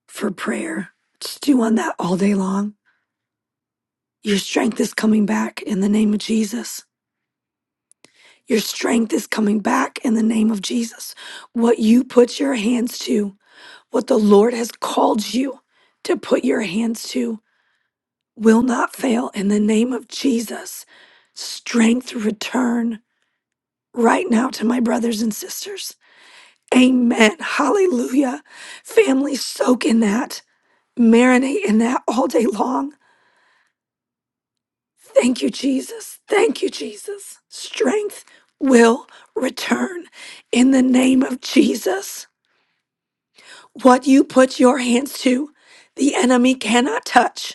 for prayer. Stew on that all day long. Your strength is coming back in the name of Jesus. Your strength is coming back in the name of Jesus. What you put your hands to What the Lord has called you to put your hands to will not fail. In the name of Jesus, strength return right now to my brothers and sisters. Amen. Hallelujah. Family, soak in that, marinate in that all day long. Thank you, Jesus. Thank you, Jesus. Strength will return in the name of Jesus. What you put your hands to, the enemy cannot touch.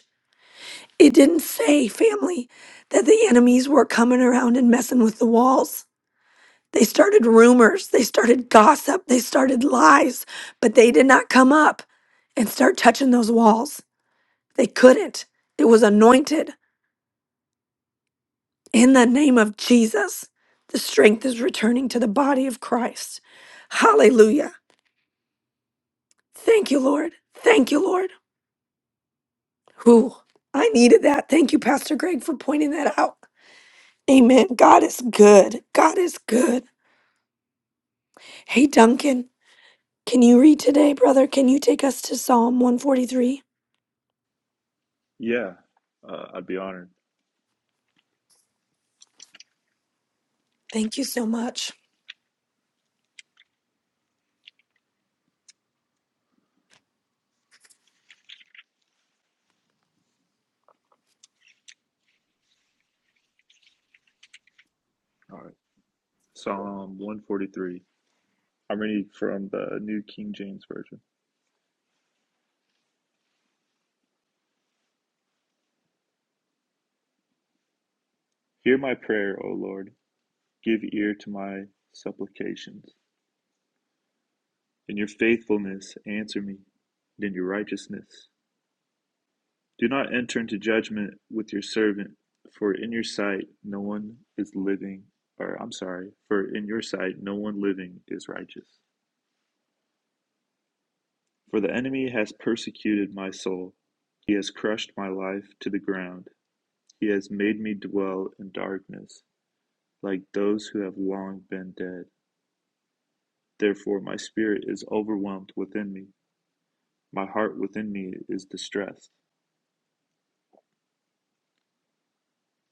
It didn't say, family, that the enemies were coming around and messing with the walls. They started rumors, they started gossip, they started lies, but they did not come up and start touching those walls. They couldn't. It was anointed. In the name of Jesus, the strength is returning to the body of Christ. Hallelujah. Thank you, Lord. Thank you, Lord. Who? I needed that. Thank you, Pastor Greg, for pointing that out. Amen. God is good. God is good. Hey, Duncan, can you read today, brother? Can you take us to Psalm 143?
Yeah, uh, I'd be honored.
Thank you so much.
All right. Psalm 143. I'm reading from the New King James Version. Hear my prayer, O Lord. Give ear to my supplications. In your faithfulness, answer me, and in your righteousness. Do not enter into judgment with your servant, for in your sight no one is living, or I'm sorry, for in your sight no one living is righteous. For the enemy has persecuted my soul, he has crushed my life to the ground. He has made me dwell in darkness, like those who have long been dead. Therefore my spirit is overwhelmed within me, my heart within me is distressed.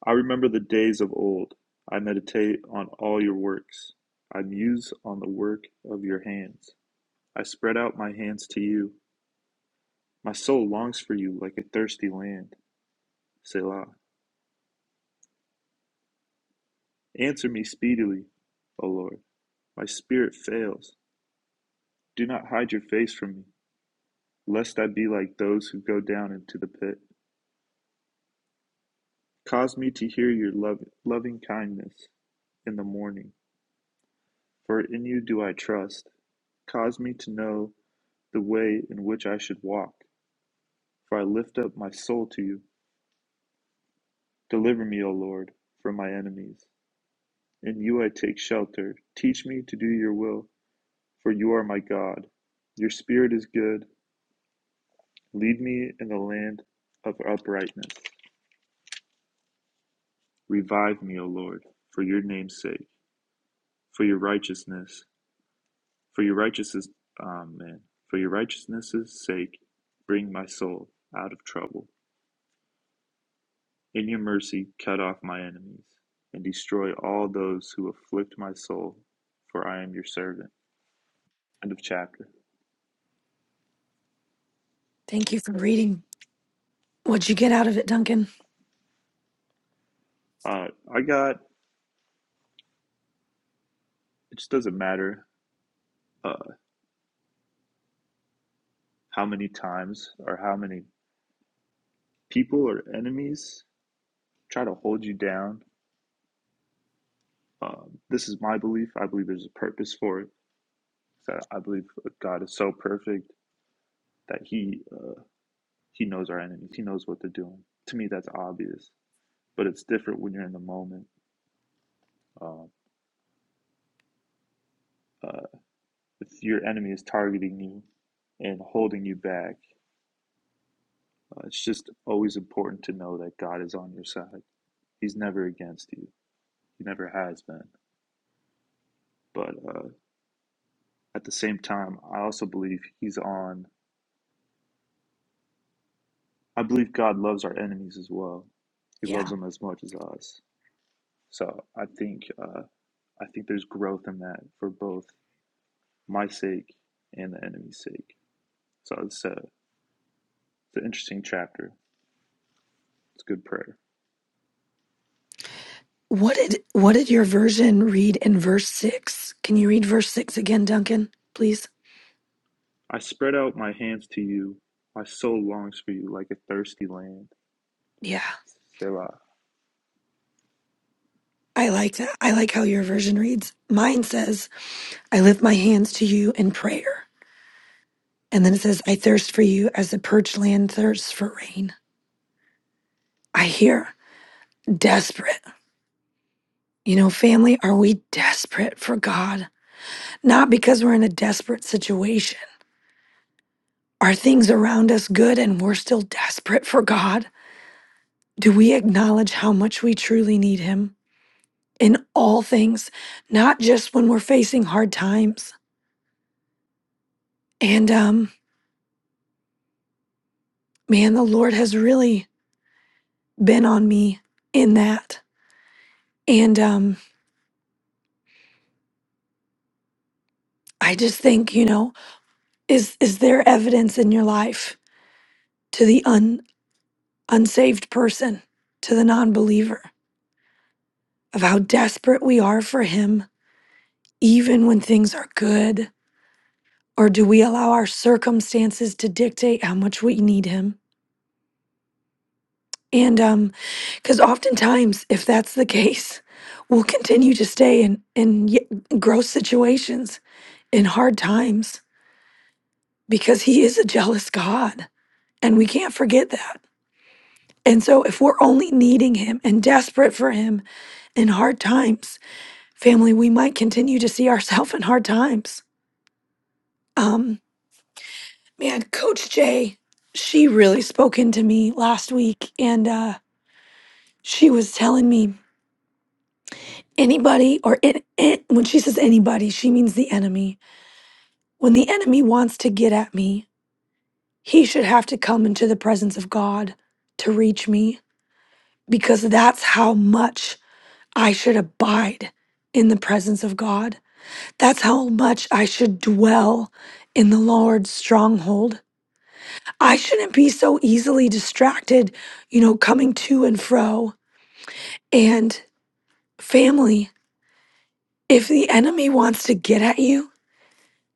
I remember the days of old. I meditate on all your works. I muse on the work of your hands. I spread out my hands to you. My soul longs for you like a thirsty land. Selah. Answer me speedily, O Lord. My spirit fails. Do not hide your face from me. Lest I be like those who go down into the pit. Cause me to hear your love, loving kindness in the morning, for in you do I trust. Cause me to know the way in which I should walk, for I lift up my soul to you. Deliver me, O Lord, from my enemies. In you I take shelter. Teach me to do your will, for you are my God. Your spirit is good. Lead me in the land of uprightness. Revive me, O Lord, for your name's sake, for your righteousness. For your righteousness, amen. For your righteousness' sake, bring my soul out of trouble. In your mercy, cut off my enemies, and destroy all those who afflict my soul, for I am your servant. End of chapter.
Thank you for reading. What'd you get out of it, Duncan?
Uh, I got. It just doesn't matter uh, how many times or how many people or enemies try to hold you down. Um, this is my belief. I believe there's a purpose for it. So I believe God is so perfect that He. Uh, He knows our enemies. He knows what they're doing. To me, that's obvious, but it's different when you're in the moment. Um, uh, if your enemy is targeting you and holding you back, uh, it's just always important to know that God is on your side. He's never against you. He never has been. But uh, at the same time, I also believe He's on. I believe God loves our enemies as well. He loves
Yeah.
them as much as us. So I think uh, I think there's growth in that for both my sake and the enemy's sake. So it's, a, it's an interesting chapter. It's a good prayer.
What did what did your version read in verse 6? Can you read verse 6 again, Duncan, please?
I spread out my hands to you. My soul longs for you like a thirsty land.
Yeah.
Selah.
I like that. I like how your version reads. Mine says, "I lift my hands to you in prayer." And then it says, "I thirst for you as the purged land thirsts for rain." I hear desperate. You know, family, are we desperate for God? not because we're in a desperate situation. Are things around us good and we're still desperate for God? Do we acknowledge how much we truly need Him in all things, not just when we're facing hard times? And um, man, the Lord has really been on me in that. And um, I just think, you know, is is there evidence in your life to the un, unsaved person, to the non-believer, of how desperate we are for Him? even when things are good? Or do we allow our circumstances to dictate how much we need Him? And um, because oftentimes, if that's the case, we'll continue to stay in in y- gross situations, in hard times, because He is a jealous God, and we can't forget that. And so, if we're only needing Him and desperate for Him in hard times, family, we might continue to see ourselves in hard times. Um, Man, Coach Jay, she really spoke into me last week, and uh, she was telling me anybody, or it, it, when she says anybody, she means the enemy. When the enemy wants to get at me, he should have to come into the presence of God to reach me, because that's how much I should abide in the presence of God. That's how much I should dwell in the Lord's stronghold I shouldn't be so easily distracted, you know, coming to and fro. And family, if the enemy wants to get at you,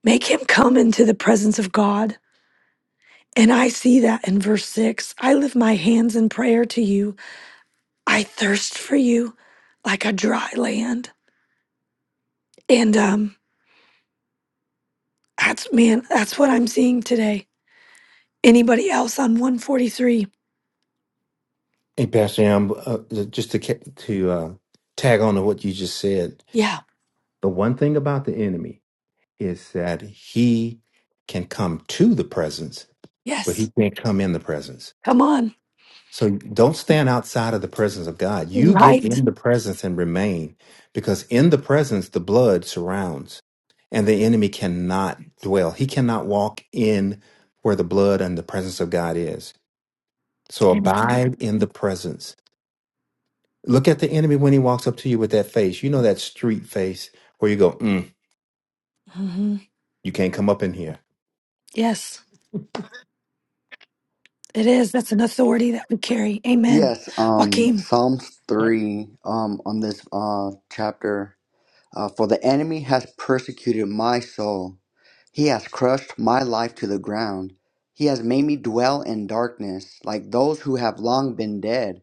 make him come into the presence of God. And I see that in verse six. I lift my hands in prayer to you. I thirst for you like a dry land. And um, that's, man, that's what I'm seeing today. Anybody else on 143?
Hey, Pastor Am, uh, just to ca- to uh, tag on to what you just said,
Yeah.
the one thing about the enemy is that he can come to the presence, but
Yes.
he can't come in the presence.
Come on.
So don't stand outside of the presence of God. You get
Right.
in the presence and remain because in the presence, the blood surrounds and the enemy cannot dwell. He cannot walk in where the blood and the presence of God is. So abide in the presence. Look at the enemy when he walks up to you with that face. You know, that street face where you go, mm,
Mhm.
you can't come up in here.
Yes. It is. That's an authority that we carry. Amen.
Yes, um,
Joaquin.
Psalms 3 um, on this uh, chapter Uh, for the enemy has persecuted my soul. He has crushed my life to the ground. He has made me dwell in darkness, like those who have long been dead.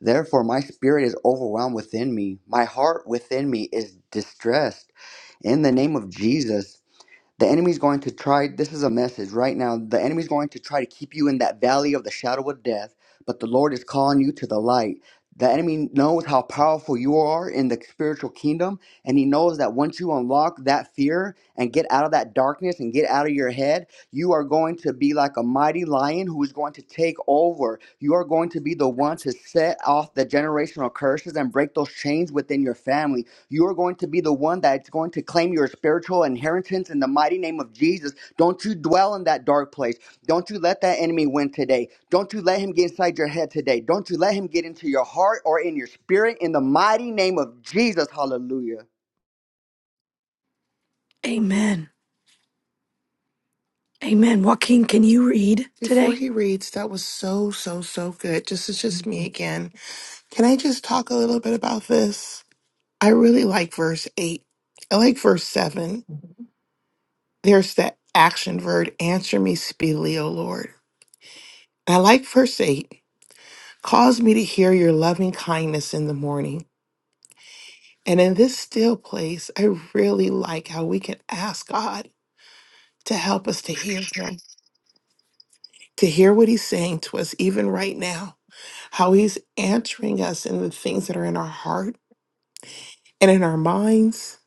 Therefore, my spirit is overwhelmed within me. My heart within me is distressed. In the name of Jesus, the enemy's going to try, this is a message right now. The enemy's going to try to keep you in that valley of the shadow of death, but the Lord is calling you to the light. The enemy knows how powerful you are in the spiritual kingdom, and he knows that once you unlock that fear and get out of that darkness and get out of your head, you are going to be like a mighty lion who is going to take over. You are going to be the one to set off the generational curses and break those chains within your family you're going to be the one that's going to claim your spiritual inheritance in the mighty name of Jesus. Don't you dwell in that dark place. Don't you let that enemy win today. Don't you let him get inside your head today. Don't you let him get into your heart or in your spirit in the mighty name of Jesus. Hallelujah.
Amen. Amen. Joaquin, can you read
Before
today?
he reads, that was so, so, so good. Just it's just me again. Can I just talk a little bit about this? I really like verse 8. I like verse 7. There's that action verb. answer me speedily, O Lord. And I like verse 8. Cause me to hear your loving kindness in the morning. And in this still place, I really like how we can ask God to help us to hear Him, to hear what He's saying to us, even right now, how He's answering us in the things that are in our heart and in our minds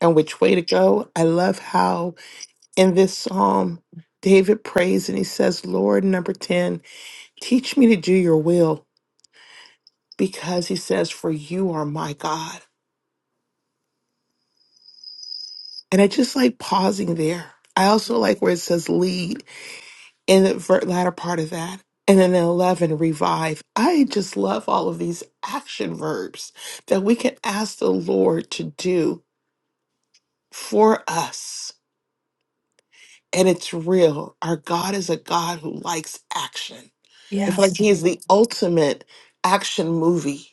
and which way to go. I love how in this psalm, David prays and he says, Lord, number 10, teach me to do your will because he says, For you are my God. And I just like pausing there. I also like where it says lead in the ver- latter part of that. And then in 11, revive. I just love all of these action verbs that we can ask the Lord to do for us. And it's real. Our God is a God who likes action. It's
Yeah.
like he's the ultimate action movie.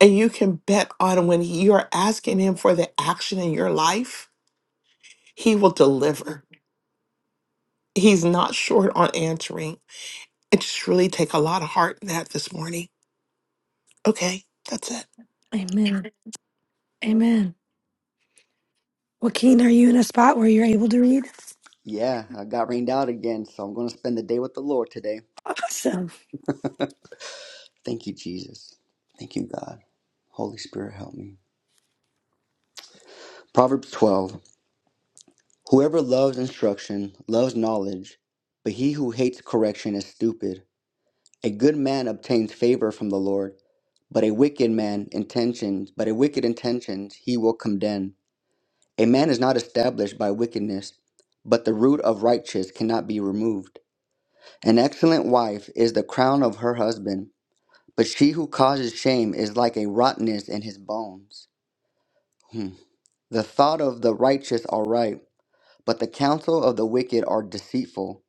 And you can bet on when you're asking him for the action in your life, he will deliver. He's not short on answering. It just really take a lot of heart in that this morning. Okay, that's it.
Amen. Amen. Joaquin, are you in a spot where you're able to read?
Yeah, I got rained out again, so I'm going to spend the day with the Lord today.
Awesome.
Thank you, Jesus. Thank you, God. Holy Spirit, help me. Proverbs 12 Whoever loves instruction loves knowledge, but he who hates correction is stupid. A good man obtains favor from the Lord, but a wicked man intentions, but a wicked intentions he will condemn. A man is not established by wickedness, but the root of righteousness cannot be removed. An excellent wife is the crown of her husband, but she who causes shame is like a rottenness in his bones. Hmm. The thought of the righteous are right, but the counsel of the wicked are deceitful.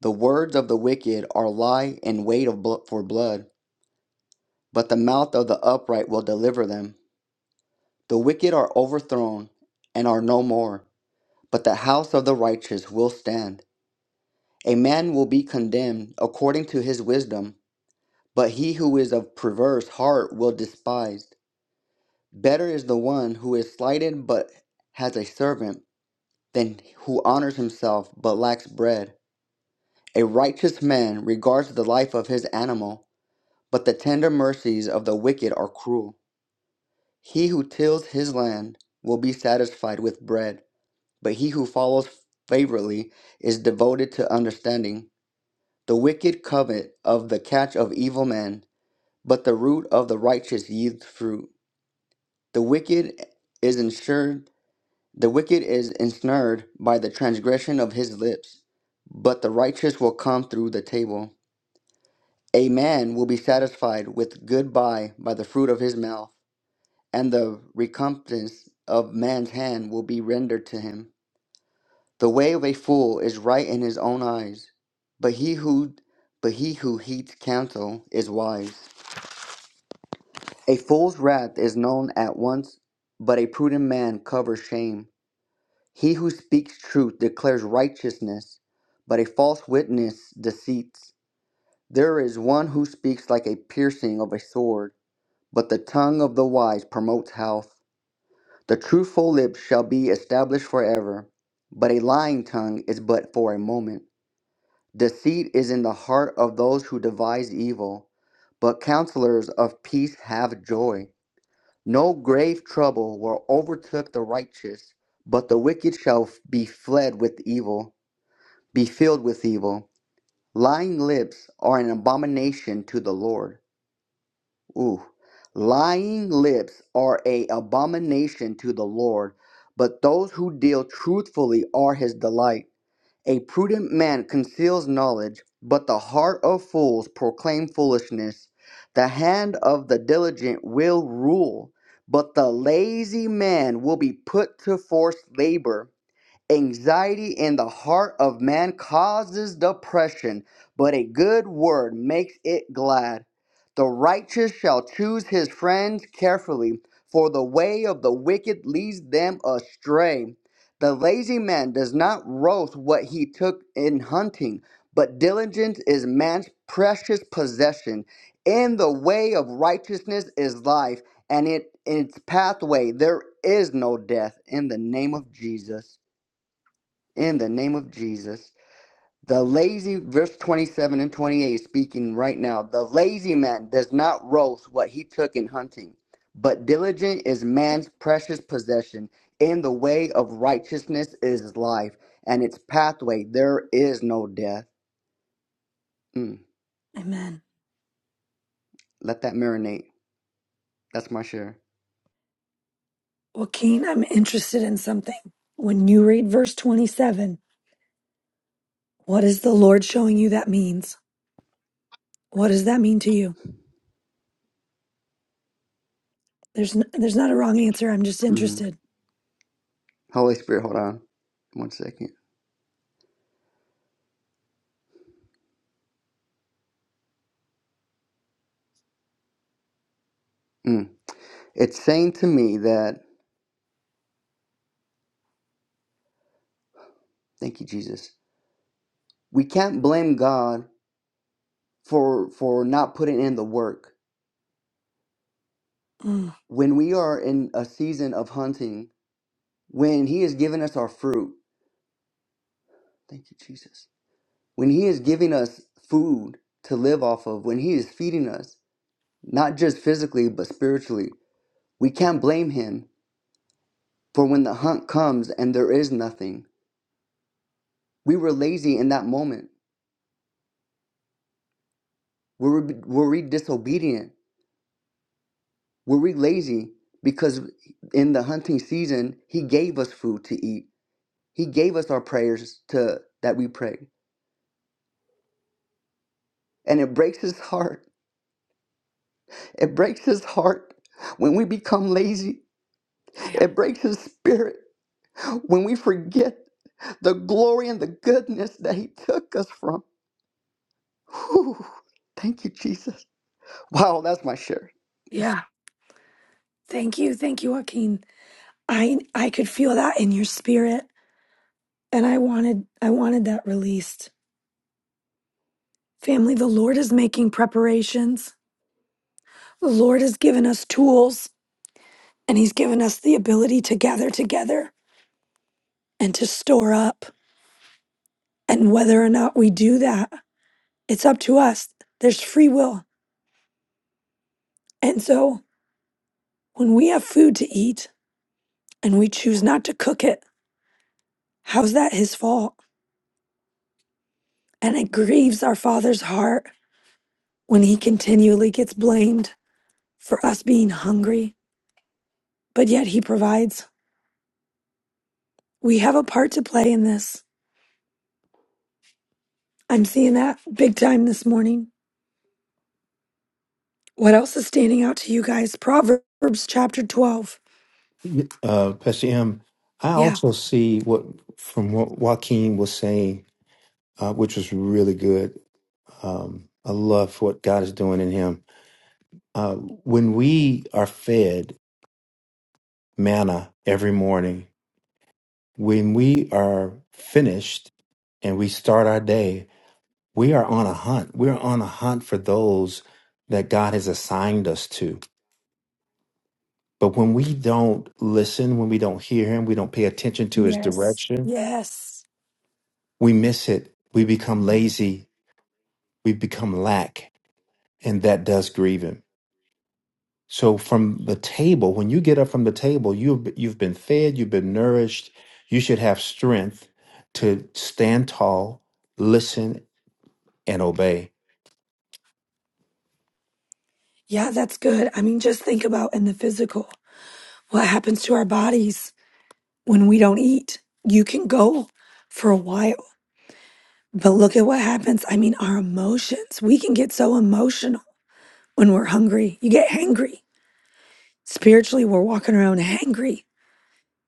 The words of the wicked are lie and weight of blo- for blood. but the mouth of the upright will deliver them. The wicked are overthrown and are no more, but the house of the righteous will stand. A man will be condemned according to his wisdom, but he who is of perverse heart will despise. Better is the one who is slighted but has a servant than who honors himself but lacks bread. A righteous man regards the life of his animal, but the tender mercies of the wicked are cruel. He who tills his land will be satisfied with bread, but he who follows favorably is devoted to understanding. The wicked covet of the catch of evil men, but the root of the righteous yields fruit. The wicked is ensured the wicked is ensnared by the transgression of his lips, but the righteous will come through the table. A man will be satisfied with good buy by the fruit of his mouth. and the recompense of man's hand will be rendered to him. The way of a fool is right in his own eyes, but he who but he who heeds counsel is wise. A fool's wrath is known at once, but a prudent man covers shame. He who speaks truth declares righteousness, but a false witness deceits. There is one who speaks like a piercing of a sword, but the tongue of the wise promotes health. The truthful lip shall be established forever, but a lying tongue is but for a moment. Deceit is in the heart of those who devise evil, but counselors of peace have joy. No grave trouble will overtake the righteous, but the wicked shall be fled with evil, be filled with evil. Lying lips are an abomination to the Lord Ooh. Lying lips are a abomination to the Lord, but those who deal truthfully are his delight. A prudent man conceals knowledge, but the heart of fools proclaim foolishness. The hand of the diligent will rule, but the lazy man will be put to forced labor. Anxiety in the heart of man causes depression, but a good word makes it glad. The righteous shall choose his friends carefully, for the way of the wicked leads them astray. The lazy man does not roast what he took in hunting, but diligence is man's precious possession. In the way of righteousness is life, and it, in its pathway there is no death. In the name of Jesus in the name of Jesus. The lazy, verse 27 and 28, speaking right now. The lazy man does not roast what he took in hunting, but diligent is man's precious possession. In the way of righteousness is life, and its pathway there is no death. Mm,
Amen.
let that marinate. That's my share.
Joaquin, I'm interested in something. When you read verse 27, what is the Lord showing you that means? What does that mean to you? There's n- there's not a wrong answer. I'm just
Mhm.
interested.
Holy Spirit, hold on one second. Mm. It's saying to me that, thank you, Jesus, we can't blame God for for not putting in the work.
Mm,
When we are in a season of hunting, when he is giving us our fruit, thank you Jesus. When he is giving us food to live off of, when he is feeding us, not just physically but spiritually, we can't blame him for when the hunt comes and there is nothing. We were lazy in that moment. Were we, were we disobedient? Were we lazy because in the hunting season he gave us food to eat? He gave us our prayers to that we pray. And it breaks his heart. It breaks his heart when we become lazy.
yeah.
It breaks his spirit when we forget the glory and the goodness that he took us from. Whew. Thank you, Jesus. Wow, that's my share.
Yeah. Thank you. Thank you, Joaquin. I I could feel that in your spirit and I wanted I wanted that released. Family, the Lord is making preparations. The Lord has given us tools and he's given us the ability to gather together and to store up. And whether or not we do that, it's up to us. There's free will. And so when we have food to eat and we choose not to cook it, how's that his fault? And it grieves our father's heart when he continually gets blamed for us being hungry but yet he provides. We have a part to play in this. I'm seeing that big time this morning. What else is standing out to you guys? Proverbs chapter 12.
Uh, Pastor M, I
Yeah.
also see what from what Joaquin was saying, uh, which was really good Um, I love what God is doing in him. Uh, when we are fed manna every morning, when we are finished and we start our day, we are on a hunt. We're on a hunt for those that God has assigned us to. But when we don't listen, when we don't hear Him, we don't pay attention to His
Yes.
direction,
Yes.
we miss it. We become lazy. We become lack. And that does grieve Him. So from the table, when you get up from the table, you've you've been fed, you've been nourished, you should have strength to stand tall, listen, and obey.
Yeah, that's good. I mean, just think about in the physical what happens to our bodies when we don't eat. You can go for a while, but look at what happens. I mean, our emotions. We can get so emotional when we're hungry. You get hangry. Spiritually, we're walking around hangry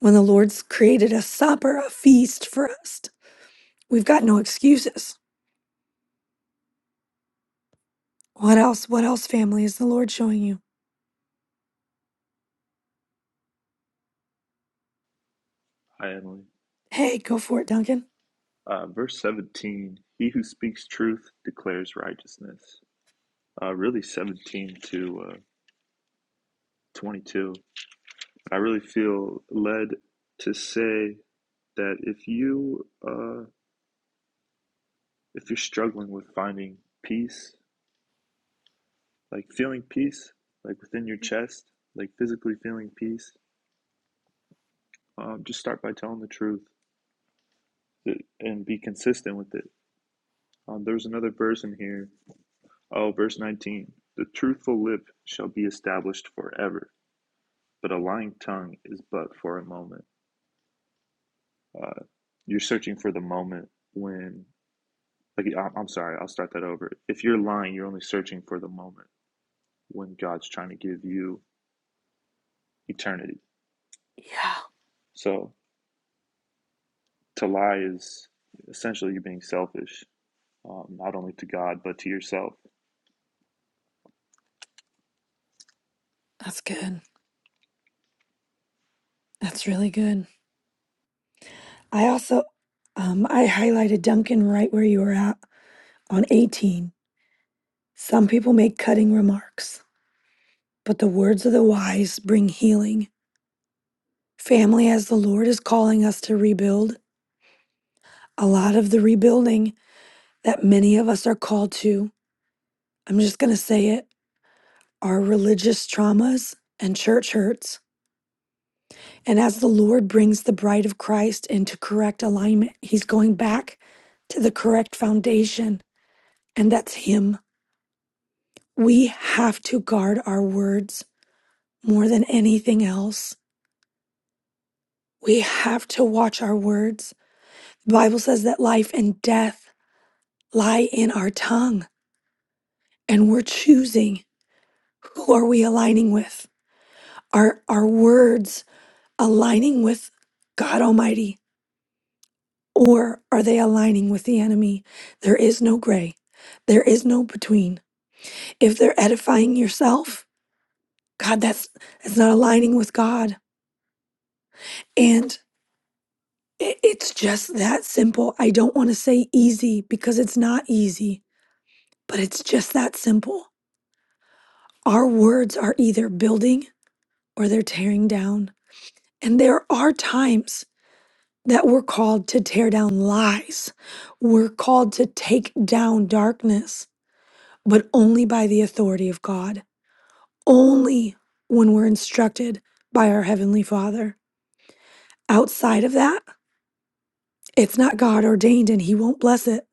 when the Lord's created a supper, a feast for us. We've got no excuses. What else? What else, family, is the Lord showing you?
Hi, Emily.
Hey, go for it, Duncan.
Uh, verse 17 He who speaks truth declares righteousness. Uh, really, 17 to uh, 22. I really feel led to say that if you uh, if you're struggling with finding peace like feeling peace, like within your chest, like physically feeling peace. Um, just start by telling the truth eh, and be consistent with it. Um, there's another verse in here. Oh, verse 19. The truthful lip shall be established forever, but a lying tongue is but for a moment. Uh, you're searching for the moment when, like, I- I'm sorry, I'll start that over. If you're lying, you're only searching for the moment when God's trying to give you eternity.
Yeah,
So to lie is essentially you being selfish um, not only to God, but to yourself.
that's good. That's really good. I also um I highlighted Duncan right where you were at on 18. Some people make cutting remarks, but the words of the wise bring healing. Family, as the Lord is calling us to rebuild, a lot of the rebuilding that many of us are called to, I'm just going to say it, our religious traumas and church hurts. And as the Lord brings the bride of Christ into correct alignment, he's going back to the correct foundation, and that's him. We have to guard our words more than anything else. We have to watch our words. The Bible says that life and death lie in our tongue, and we're choosing who are we aligning with? Are our words aligning with God Almighty? or are they aligning with the enemy? There is no gray. There is no between. If they're edifying yourself, God, that's that's not aligning with God. And it, it's just that simple. I don't want to say easy because it's not easy, but it's just that simple. Our words are either building or they're tearing down. And there are times that we're called to tear down lies. We're called to take down darkness but only by the authority of God, only when we're instructed by our Heavenly Father. Outside of that, it's not God ordained and He won't bless it.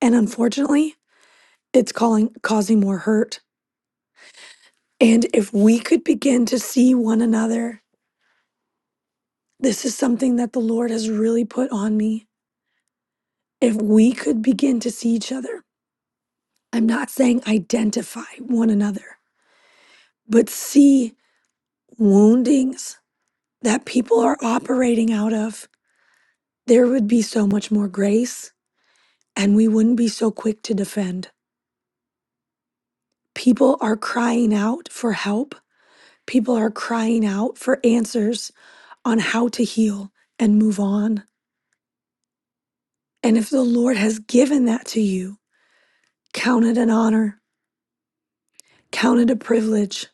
And unfortunately, it's calling, causing more hurt. And if we could begin to see one another, this is something that the Lord has really put on me. If we could begin to see each other, I'm not saying identify one another, but see woundings that people are operating out of there would be so much more grace and we wouldn't be so quick to defend. People are crying out for help, people are crying out for answers on how to heal and move on. And if the Lord has given that to you, count it an honor, count it a privilege.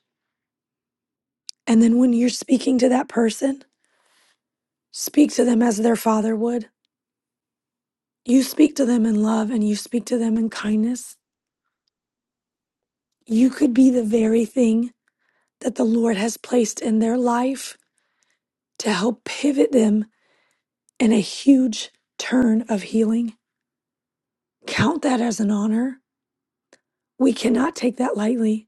And then when you're speaking to that person, speak to them as their father would. You speak to them in love and you speak to them in kindness. You could be the very thing that the Lord has placed in their life to help pivot them in a huge turn of healing. Count that as an honor. We cannot take that lightly.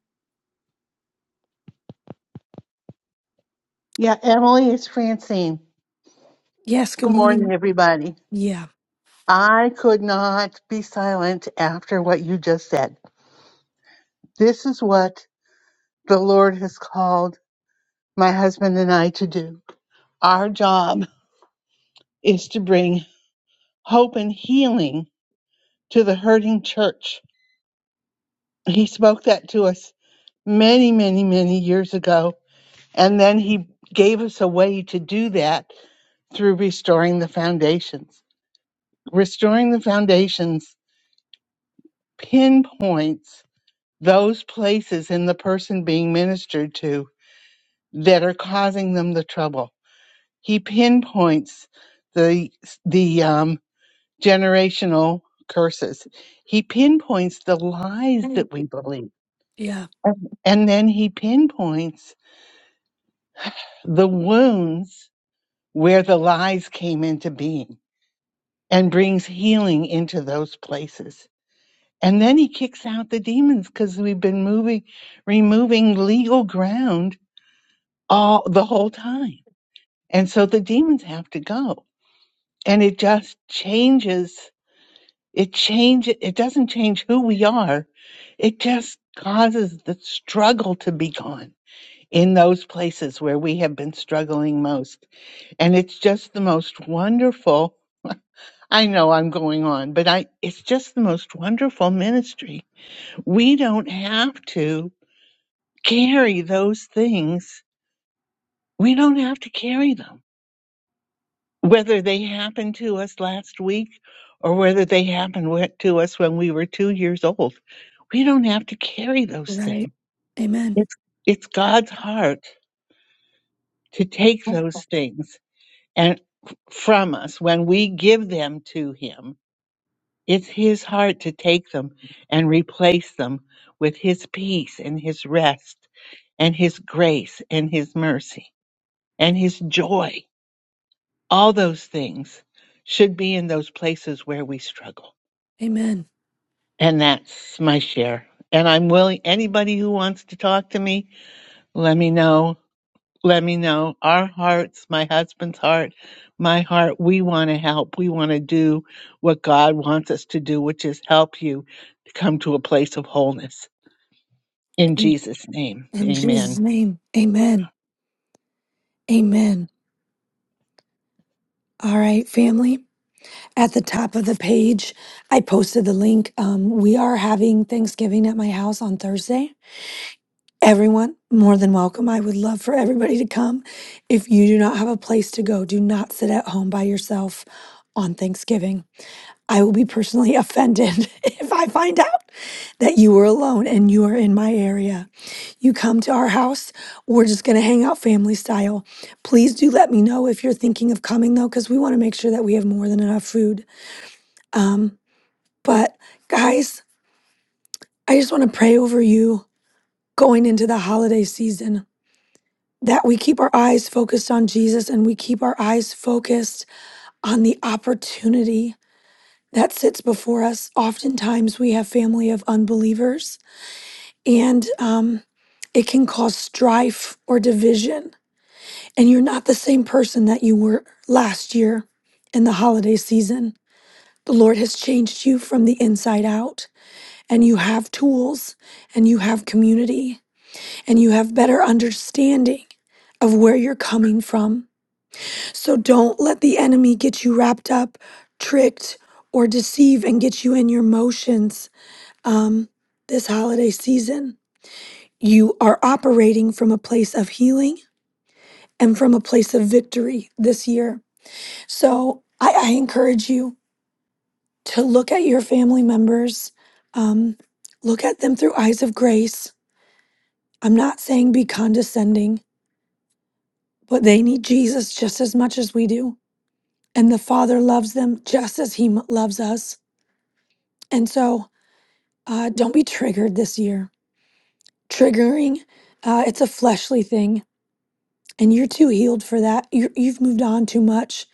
Yeah, Emily, it's Francine.
Yes, good
Good morning,
morning.
everybody.
Yeah,
I could not be silent after what you just said. This is what the Lord has called my husband and I to do. Our job is to bring hope and healing to the hurting church. He spoke that to us many, many, many years ago, and then he gave us a way to do that through restoring the foundations. Restoring the foundations pinpoints those places in the person being ministered to that are causing them the trouble. He pinpoints the the um, generational curses. He pinpoints the lies that we believe,
yeah,
and and then he pinpoints the wounds where the lies came into being, and brings healing into those places. And then he kicks out the demons because we've been moving, removing legal ground all the whole time And so the demons have to go. And it just changes it change it doesn't change who we are. It just causes the struggle to be gone in those places where we have been struggling most. And it's just the most wonderful I know I'm going on, but I it's just the most wonderful ministry. We don't have to carry those things. We don't have to carry them whether they happened to us last week or whether they happened wi- to us when we were two years old. We don't have to carry those
right.
things.
Amen.
It's, it's God's heart to take those things and f- from us when we give them to Him. It's His heart to take them and replace them with His peace and His rest and His grace and His mercy and His joy. All those things should be in those places where we struggle.
Amen.
And that's my share. And I'm willing, anybody who wants to talk to me, let me know. Let me know. Our hearts, my husband's heart, my heart, we want to help. We want to do what God wants us to do, which is help you to come to a place of wholeness. In
In,
Jesus' name,
in Jesus'
amen.
name, amen. Amen. All right, family. At the top of the page, I posted the link. Um, we are having Thanksgiving at my house on Thursday. Everyone, more than welcome. I would love for everybody to come. If you do not have a place to go, do not sit at home by yourself on Thanksgiving. I will be personally offended if I find out that you were alone and you are in my area. You come to our house, we're just going to hang out family style. Please do let me know if you're thinking of coming though, because we want to make sure that we have more than enough food. Um, but guys, I just want to pray over you going into the holiday season. that we keep our eyes focused on Jesus and we keep our eyes focused on the opportunity that sits before us. Oftentimes, we have family of unbelievers, and um, it can cause strife or division. And you're not the same person that you were last year in the holiday season. The Lord has changed you from the inside out, and you have tools, and you have community, and you have better understanding of where you're coming from So don't let the enemy get you wrapped up, tricked, or deceive and get you in your motions um, this holiday season. You are operating from a place of healing and from a place of victory this year. So I, I encourage you to look at your family members, um, look at them through eyes of grace. I'm not saying be condescending, but they need Jesus just as much as we do. And the Father loves them just as He m- loves us. And so Uh, don't be triggered this year. Triggering, uh, it's a fleshly thing, and you're too healed for that. You're, you've moved on too much.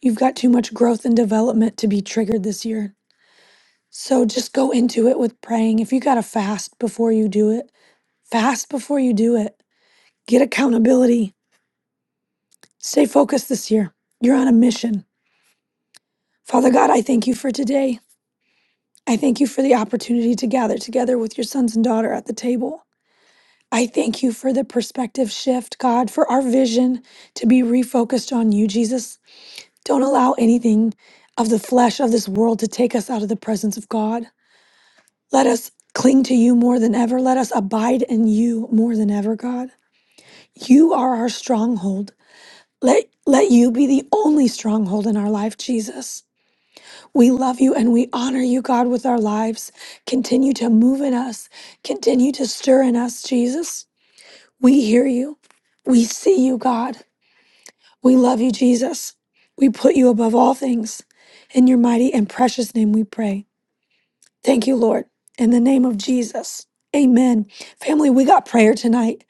You've got too much growth and development to be triggered this year. So just go into it with praying. If you got to fast before you do it, fast before you do it. Get accountability. Stay focused this year. You're on a mission. Father God, I thank you for today. I thank you for the opportunity to gather together with your sons and daughter at the table. I thank you for the perspective shift, God, for our vision to be refocused on you, Jesus. Don't allow anything of the flesh of this world to take us out of the presence of God. Let us cling to you more than ever. Let us abide in you more than ever, God. You are our stronghold. Let, let you be the only stronghold in our life, Jesus. We love you and we honor you, God, with our lives. Continue to move in us, continue to stir in us, Jesus. We hear you. We see you, God. We love you, Jesus. We put you above all things. In your mighty and precious name we pray. Thank you, Lord. In the name of Jesus. Amen. Family, we got prayer tonight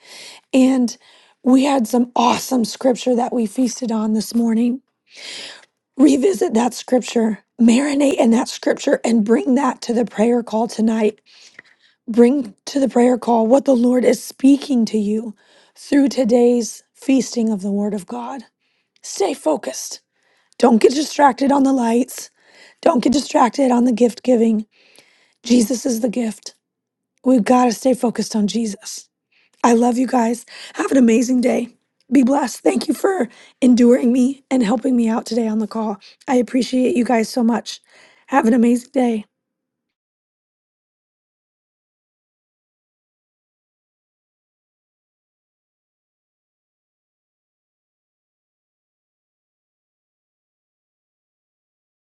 and we had some awesome scripture that we feasted on this morning. Revisit that scripture, marinate in that scripture, and bring that to the prayer call tonight Bring to the prayer call what the Lord is speaking to you through today's feasting of the Word of God. Stay focused. Don't get distracted on the lights. Don't get distracted on the gift giving. Jesus is the gift. We've got to stay focused on Jesus. I love you guys. Have an amazing day. Be blessed. Thank you for enduring me and helping me out today on the call. I appreciate you guys so much. Have an amazing day.